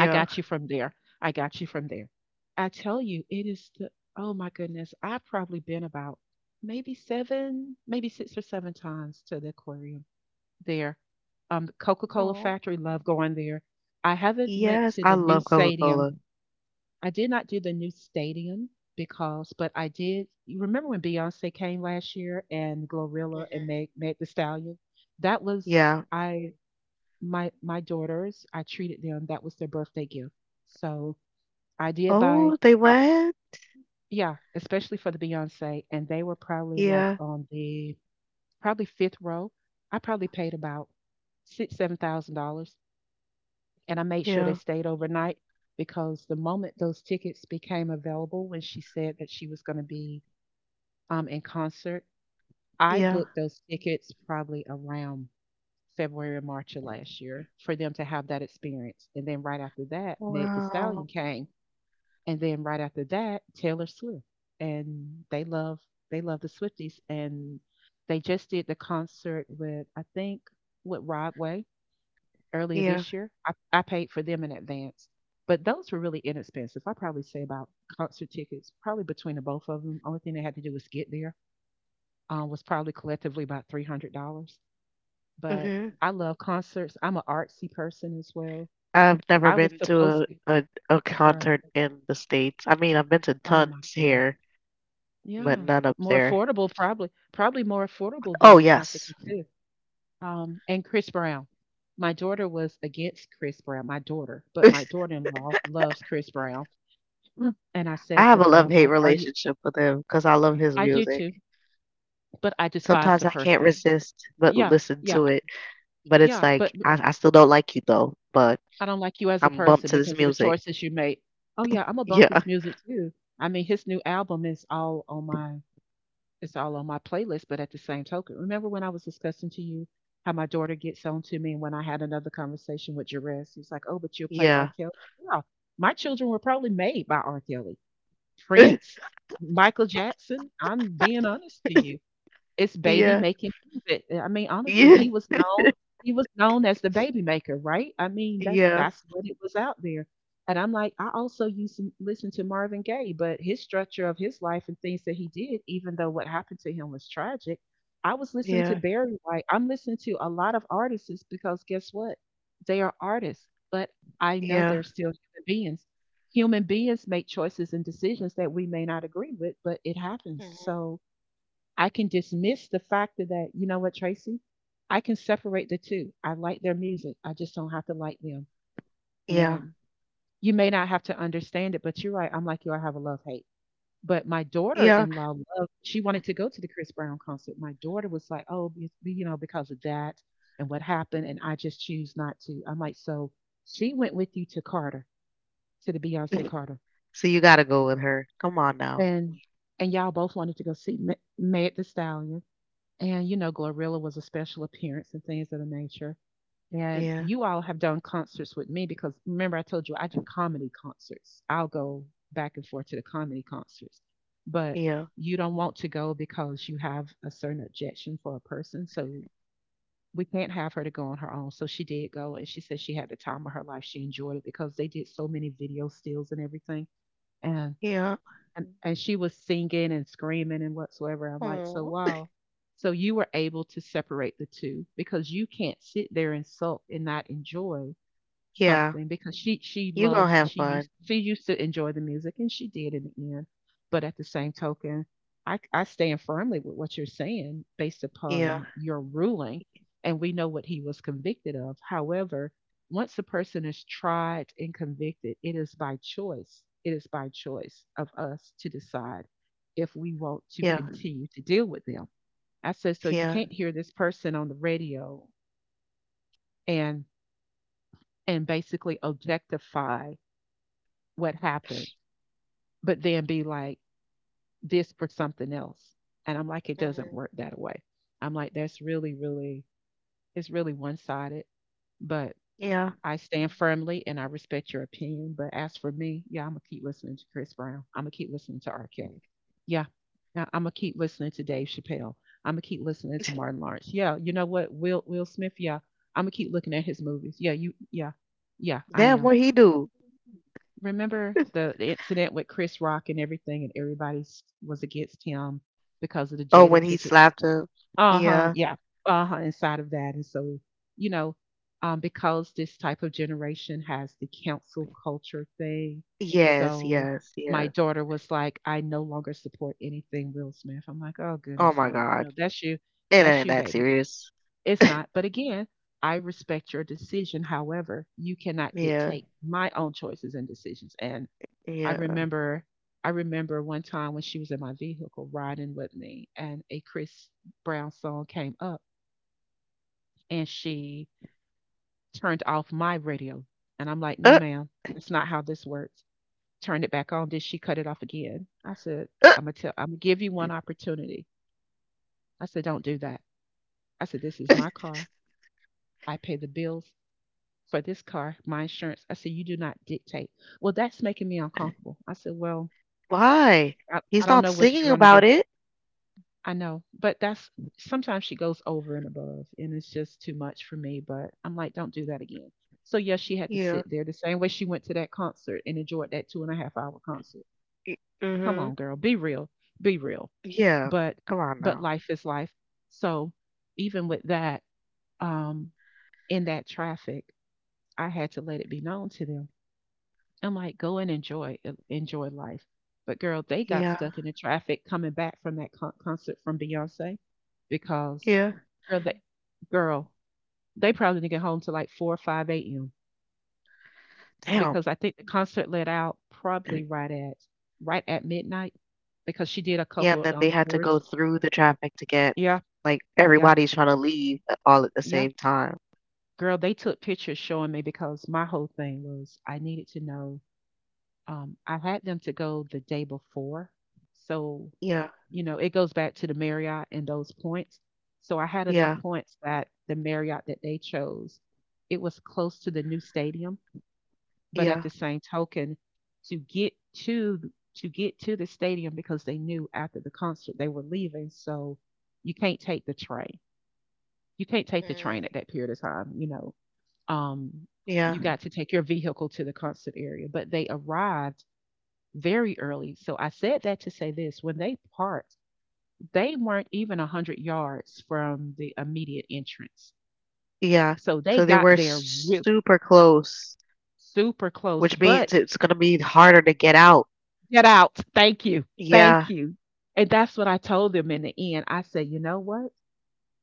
I got you from there. I got you from there. I tell you, it is the, oh my goodness, I've probably been about maybe seven, maybe six or seven times to the aquarium there. The Coca-Cola Aw. factory, love going there. I haven't went Yes, to I the new love stadium. Coca-Cola. I did not do the new stadium because, but I did. You remember when Beyonce came last year and Glorilla and Mhm. Meg, Meg the Stallion? That was Yeah. I my daughters. I treated them. That was their birthday gift. So I did buy. Oh, they I, went? yeah, especially for the Beyonce, and they were probably like Yeah, on the probably 5th row. I probably paid about six seven thousand dollars and I made sure they yeah, stayed overnight because the moment those tickets became available, when she said that she was going to be in concert, I yeah. booked those tickets probably around February or March of last year for them to have that experience. And then right after that, Meg The Stallion Wow. came, and then right after that, Taylor Swift, and they love the Swifties, and they just did the concert with I think with Rodway earlier Yeah. this year. I paid for them in advance, but those were really inexpensive. I probably say about concert tickets, probably between the both of them. Only thing they had to do was get there. Was probably collectively about $300. But Mhm. I love concerts. I'm an artsy person as well. I've never I was been to supposed a, to. a a Girl, concert in the States. I mean, I've been to oh my tons goodness. here, but Yeah, none up more there. affordable probably. Probably more affordable Oh, there in Africa yes. too. And Chris Brown. My daughter was against Chris Brown. My daughter, but my daughter-in-law loves Chris Brown. Mm. And I I said to have a her, I'm love-hate like, "Are you?" relationship with him because I love his I do music. too, but I despise Sometimes the I can't person. resist but Yeah, listen yeah, to it. But it's yeah, but like I I still don't like you though, but I don't like you as a I'm bumped person to this because of the music. choices you made. Oh, yeah, Imma bump Yeah, his music too. I mean, his new album is all on my it's all on my playlist, but at the same token, remember when I was discussing to you how my daughter gets on to me, and when I had another conversation with Jerez, he's like, "Oh, but you'll play R. yeah, Kelly?" Yeah, my children were probably made by R. Kelly, Prince, Michael Jackson, I'm being honest to you. It's baby yeah, making music. I mean, honestly, yeah, he was known as the Baby Maker, right? I mean, that's yeah, that's what it was out there. And I'm like, I also used to listen to Marvin Gaye, but his structure of his life and things that he did, even though what happened to him was tragic, I was listening to yeah, Barry White. I'm listening to a lot of artists because guess what? They are artists, but I know yeah. they're still human beings. Human beings make choices and decisions that we may not agree with, but it happens. Mhm. So I can dismiss the fact that, you know what, Tracy, I can separate the two. I like their music. I just don't have to like them. Yeah. And you may not have to understand it, but you're right. I'm like you, I have a love hate. But my daughter Yeah. in law loved, she wanted to go to the Chris Brown concert. My daughter was like, oh, you know, because of that and what happened. And I just choose not to. I'm like, so she went with you to Carter, to the Beyonce Carter. So you gotta go with her. Come on now. And and y'all both wanted to go see Meg the Stallion. And, you know, Glorilla was a special appearance and things of the nature. And Yeah. you all have done concerts with me because, remember, I told you I do comedy concerts. I'll go back and forth to the comedy concerts. But Yeah. you don't want to go because you have a certain objection for a person. So we can't have her to go on her own. So she did go, and she said she had the time of her life. She enjoyed it because they did so many video stills and everything. And Yeah. and she was singing and screaming and whatsoever. I'm like, so Aw. wow. So you were able to separate the two, because you can't sit there and sulk and not enjoy Yeah. something. Because You gonna have fun. She used to enjoy the music, and she did in the end. But at the same token, I stand firmly with what you're saying based Yeah. upon your ruling, and we know what he was convicted of. However, once a person is tried and convicted, it is by choice. It is by choice of us to decide if we want to Yeah. continue to deal with them. I said, so you Yeah. can't hear this person on the radio and and basically objectify what happened, but then be like this for something else. And I'm like, it doesn't Mhm. work that way. I'm like, that's really, really, it's really one sided. But Yeah. I stand firmly and I respect your opinion. But as for me, yeah, I'm gonna keep listening to Chris Brown. I'm gonna keep listening to R. Kelly. Yeah. I'm gonna keep listening to Dave Chappelle. I'm gonna keep listening to Martin Lawrence. Yeah, you know what? Will Smith, yeah. I'm gonna keep looking at his movies. Yeah, you yeah. Yeah, I Damn, am. what he do? Remember the incident with Chris Rock and everything, and everybody was against him because of the Oh, Jada when he Pickett, slapped her. uh huh. Yeah. Yeah. Uh huh. Inside of that. And so, you know, because this type of generation has the cancel culture thing. Yes, So yes, my yes. daughter was like, I no longer support anything Will Smith. I'm like, oh Oh goodness, my honey, you God. know It that's ain't you, that baby. serious. It's not, but again, I respect your decision. However, you cannot Yeah. dictate my own choices and decisions. And I Yeah. remember. I remember one time when she was in my vehicle riding with me and a Chris Brown song came up, and she turned off my radio. And I'm like, no, Uh, ma'am, it's not how this works. Turned it back on. Then she cut it off again. I said, uh, I'm gonna give you one opportunity. I said, don't do that. I said, this is my car. I pay the bills for this car, my insurance. I said, you do not dictate. Well, that's making me uncomfortable. I said, well, why? I He's don't not know what singing you're gonna do. about it. I know, but that's, sometimes she goes over and above, and it's just too much for me. But I'm like, don't do that again. So yes, she had to Yeah. sit there the same way she went to that concert and enjoyed that 2.5 hour concert. Come Mm-hmm. on, girl, be real, be real. Yeah. But Come on now. life is life. So even with that, um, in that traffic, I had to let it be known to them. I'm like, go and enjoy enjoy life. But girl, they got Yeah. stuck in the traffic coming back from that concert from Beyonce, because Yeah. girl, girl, they probably didn't get home till like four or five a.m. Damn. because I think the concert let out probably right at midnight because she did a Yeah, couple and of then they had to go encores. through the traffic to get Yeah, like, yeah, everybody's trying to leave a all at the yeah. same time. Girl, they took pictures showing me because my whole thing was I needed to know. I had them to go the day before, so Yeah, you know, it goes back to the Marriott and those points. So I had enough yeah, points that the Marriott that they chose, it was close to the new stadium. But at the yeah. same token, to get to to get to the stadium, because they knew after the concert they were leaving, so you can't take the train. You can't take the train Mm. at that period of time, you know. Um, Yeah, you got to take your vehicle to the concert area, but they arrived very early. So I said that to say this, when they parked, they weren't even 100 yards from the immediate entrance. yeah. So they So they got were there s real super close, super close, which but means it's gonna be harder to get out. get out. Thank you. Thank Yeah. you. And that's what I told them in the end. I said, you know what?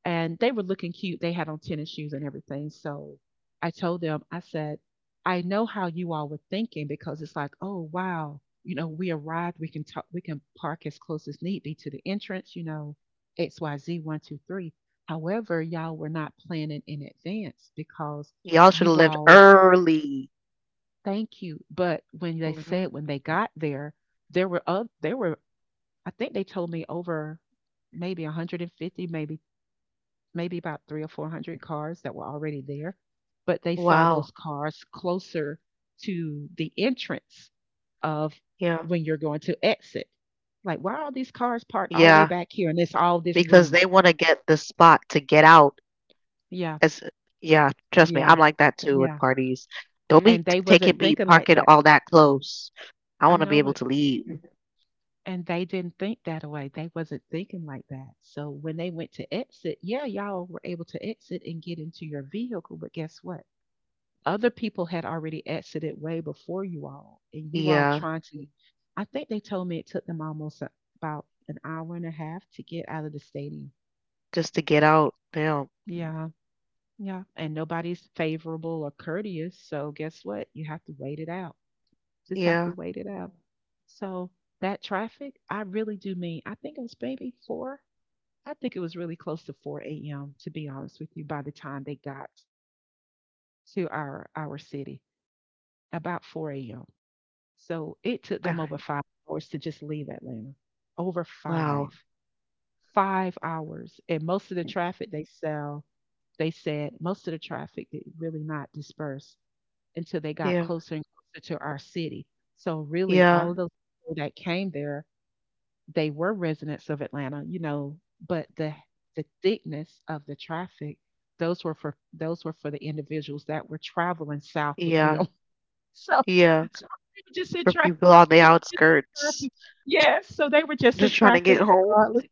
And they were looking cute. They had on tennis shoes and everything. So I told them, I said, I know how you all were thinking because it's like, oh wow, you know, we arrived, we can talk, we can park as close as need be to the entrance, you know, XYZ one, two, three. However, y'all were not planning in advance because Y'all should've you left all, early. thank you. But when they Mhm. said, when they got there, there were, I think they told me over maybe 150, maybe about three or four hundred cars that were already there, but they saw those Wow. cars closer to the entrance of Yeah. when you're going to exit. Like, why are all these cars parked all the way Yeah, back here, and it's all this because room? they wanna get the spot to get out. Yeah, As Yeah, trust me, yeah, I'm like that too with yeah. parties. Don't be And they taking wasn't me thinking like parking that. all that close. I I want to be know. able to leave. And they didn't think that way. They wasn't thinking like that. So when they went to exit, yeah, y'all were able to exit and get into your vehicle, but guess what? Other people had already exited way before you all, and you all Yeah, trying to. I think they told me it took them about an hour and a half to get out of the stadium. just to get out. Damn. Yeah, yeah. And nobody's favorable or courteous. So guess what? You have to wait it out. Just have to Yeah. wait it out. So that traffic, I really do mean, I think it was really close to 4 a.m. to be honest with you. By the time they got to our city, about 4 a.m. So it took Ah, them over 5 hours to just leave Atlanta. Over five, wow. 5 hours, and most of the traffic they said most of the traffic did really not disperse until they got Yeah. closer and closer to our city. So really, Yeah. all of those people that came there, they were residents of Atlanta, you know, but the thickness of the traffic, those were for the individuals that were traveling south with Yeah. them. So, Yeah. so they were just in For traffic. people on the They were just in outskirts, traffic. Yes, so they were just in just trying to get traffic home. regardless,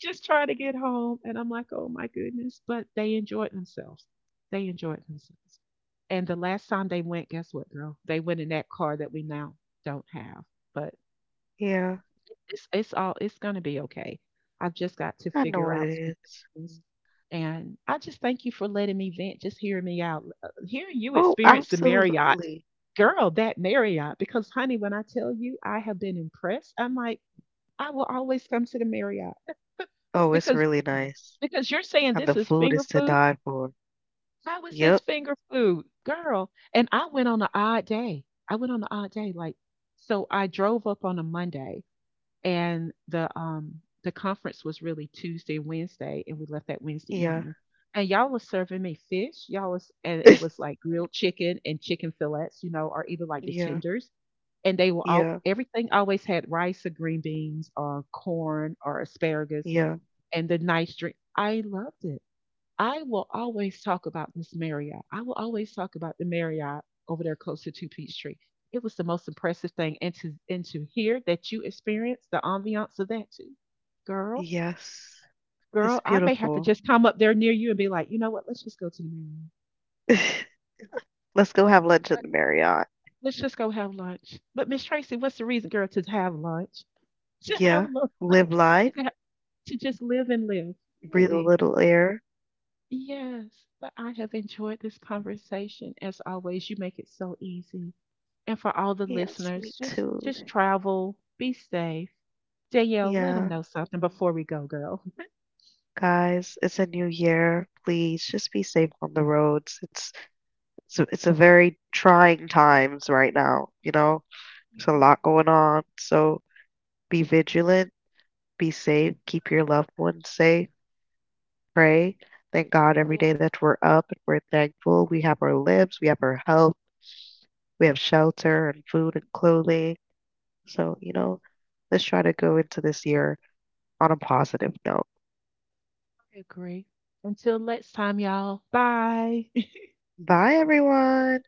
just trying to get home. And I'm like, oh my goodness, but they enjoyed themselves. They enjoyed themselves. And the last time they went, guess what, girl? They went in that car that we now don't have. But Yeah, it's gonna be okay. I've just got to I know figure it out some is. things. And I just thank you for letting me vent, just hearing me out. Hearing you Oh, experience the Marriott, absolutely. girl, that Marriott, because honey, when I tell you I have been impressed, I'm like, I will always come to the Marriott Oh, it's because really nice. You're saying And the this is food finger is to food. die for. How is this Yep. finger food, girl? And I went on an odd day. I went on an odd day, like so. I drove up on a Monday and the conference was really Tuesday, Wednesday, and we left that Wednesday Yeah. evening. And y'all was serving me fish. Y'all was And it was like grilled chicken and chicken fillets, you know, or either like the Yeah. tenders. And they were all, Yeah. everything always had rice or green beans or corn or asparagus Yeah. and the nice drink. I loved it. I will always talk about Miss Marriott. I will always talk about the Marriott over there close to Two Peachtree. It was the most impressive thing, and to hear that you experienced the ambiance of that too, girl, Yes, girl. it's I may have to beautiful. just come up there near you and be like, you know what? Let's just go to the Marriott. Let's go have lunch at Let, the Marriott. let's just go have lunch. But Miss Tracy, what's the reason, girl, to have lunch? To have Yeah, lunch? live life, To, have, to just live and live? breathe a Really? little air. Yes. But I have enjoyed this conversation as always. You make it so easy. And for all the Yes, me listeners, too. just travel, be safe. Danielle, let them Yeah, know something before we go, girl. guys, it's a new year. Please just be safe on the roads. It's a very trying times right now, you know. There's a Yeah, lot going on, so be vigilant, be safe, keep your loved ones safe, pray. Thank God every yeah, day that we're up and we're thankful. We have our limbs, we have our health. We have yeah, shelter and food and clothing. So, let's try to go into this year on a positive note. I agree. Until next time, y'all. Bye. Bye, everyone.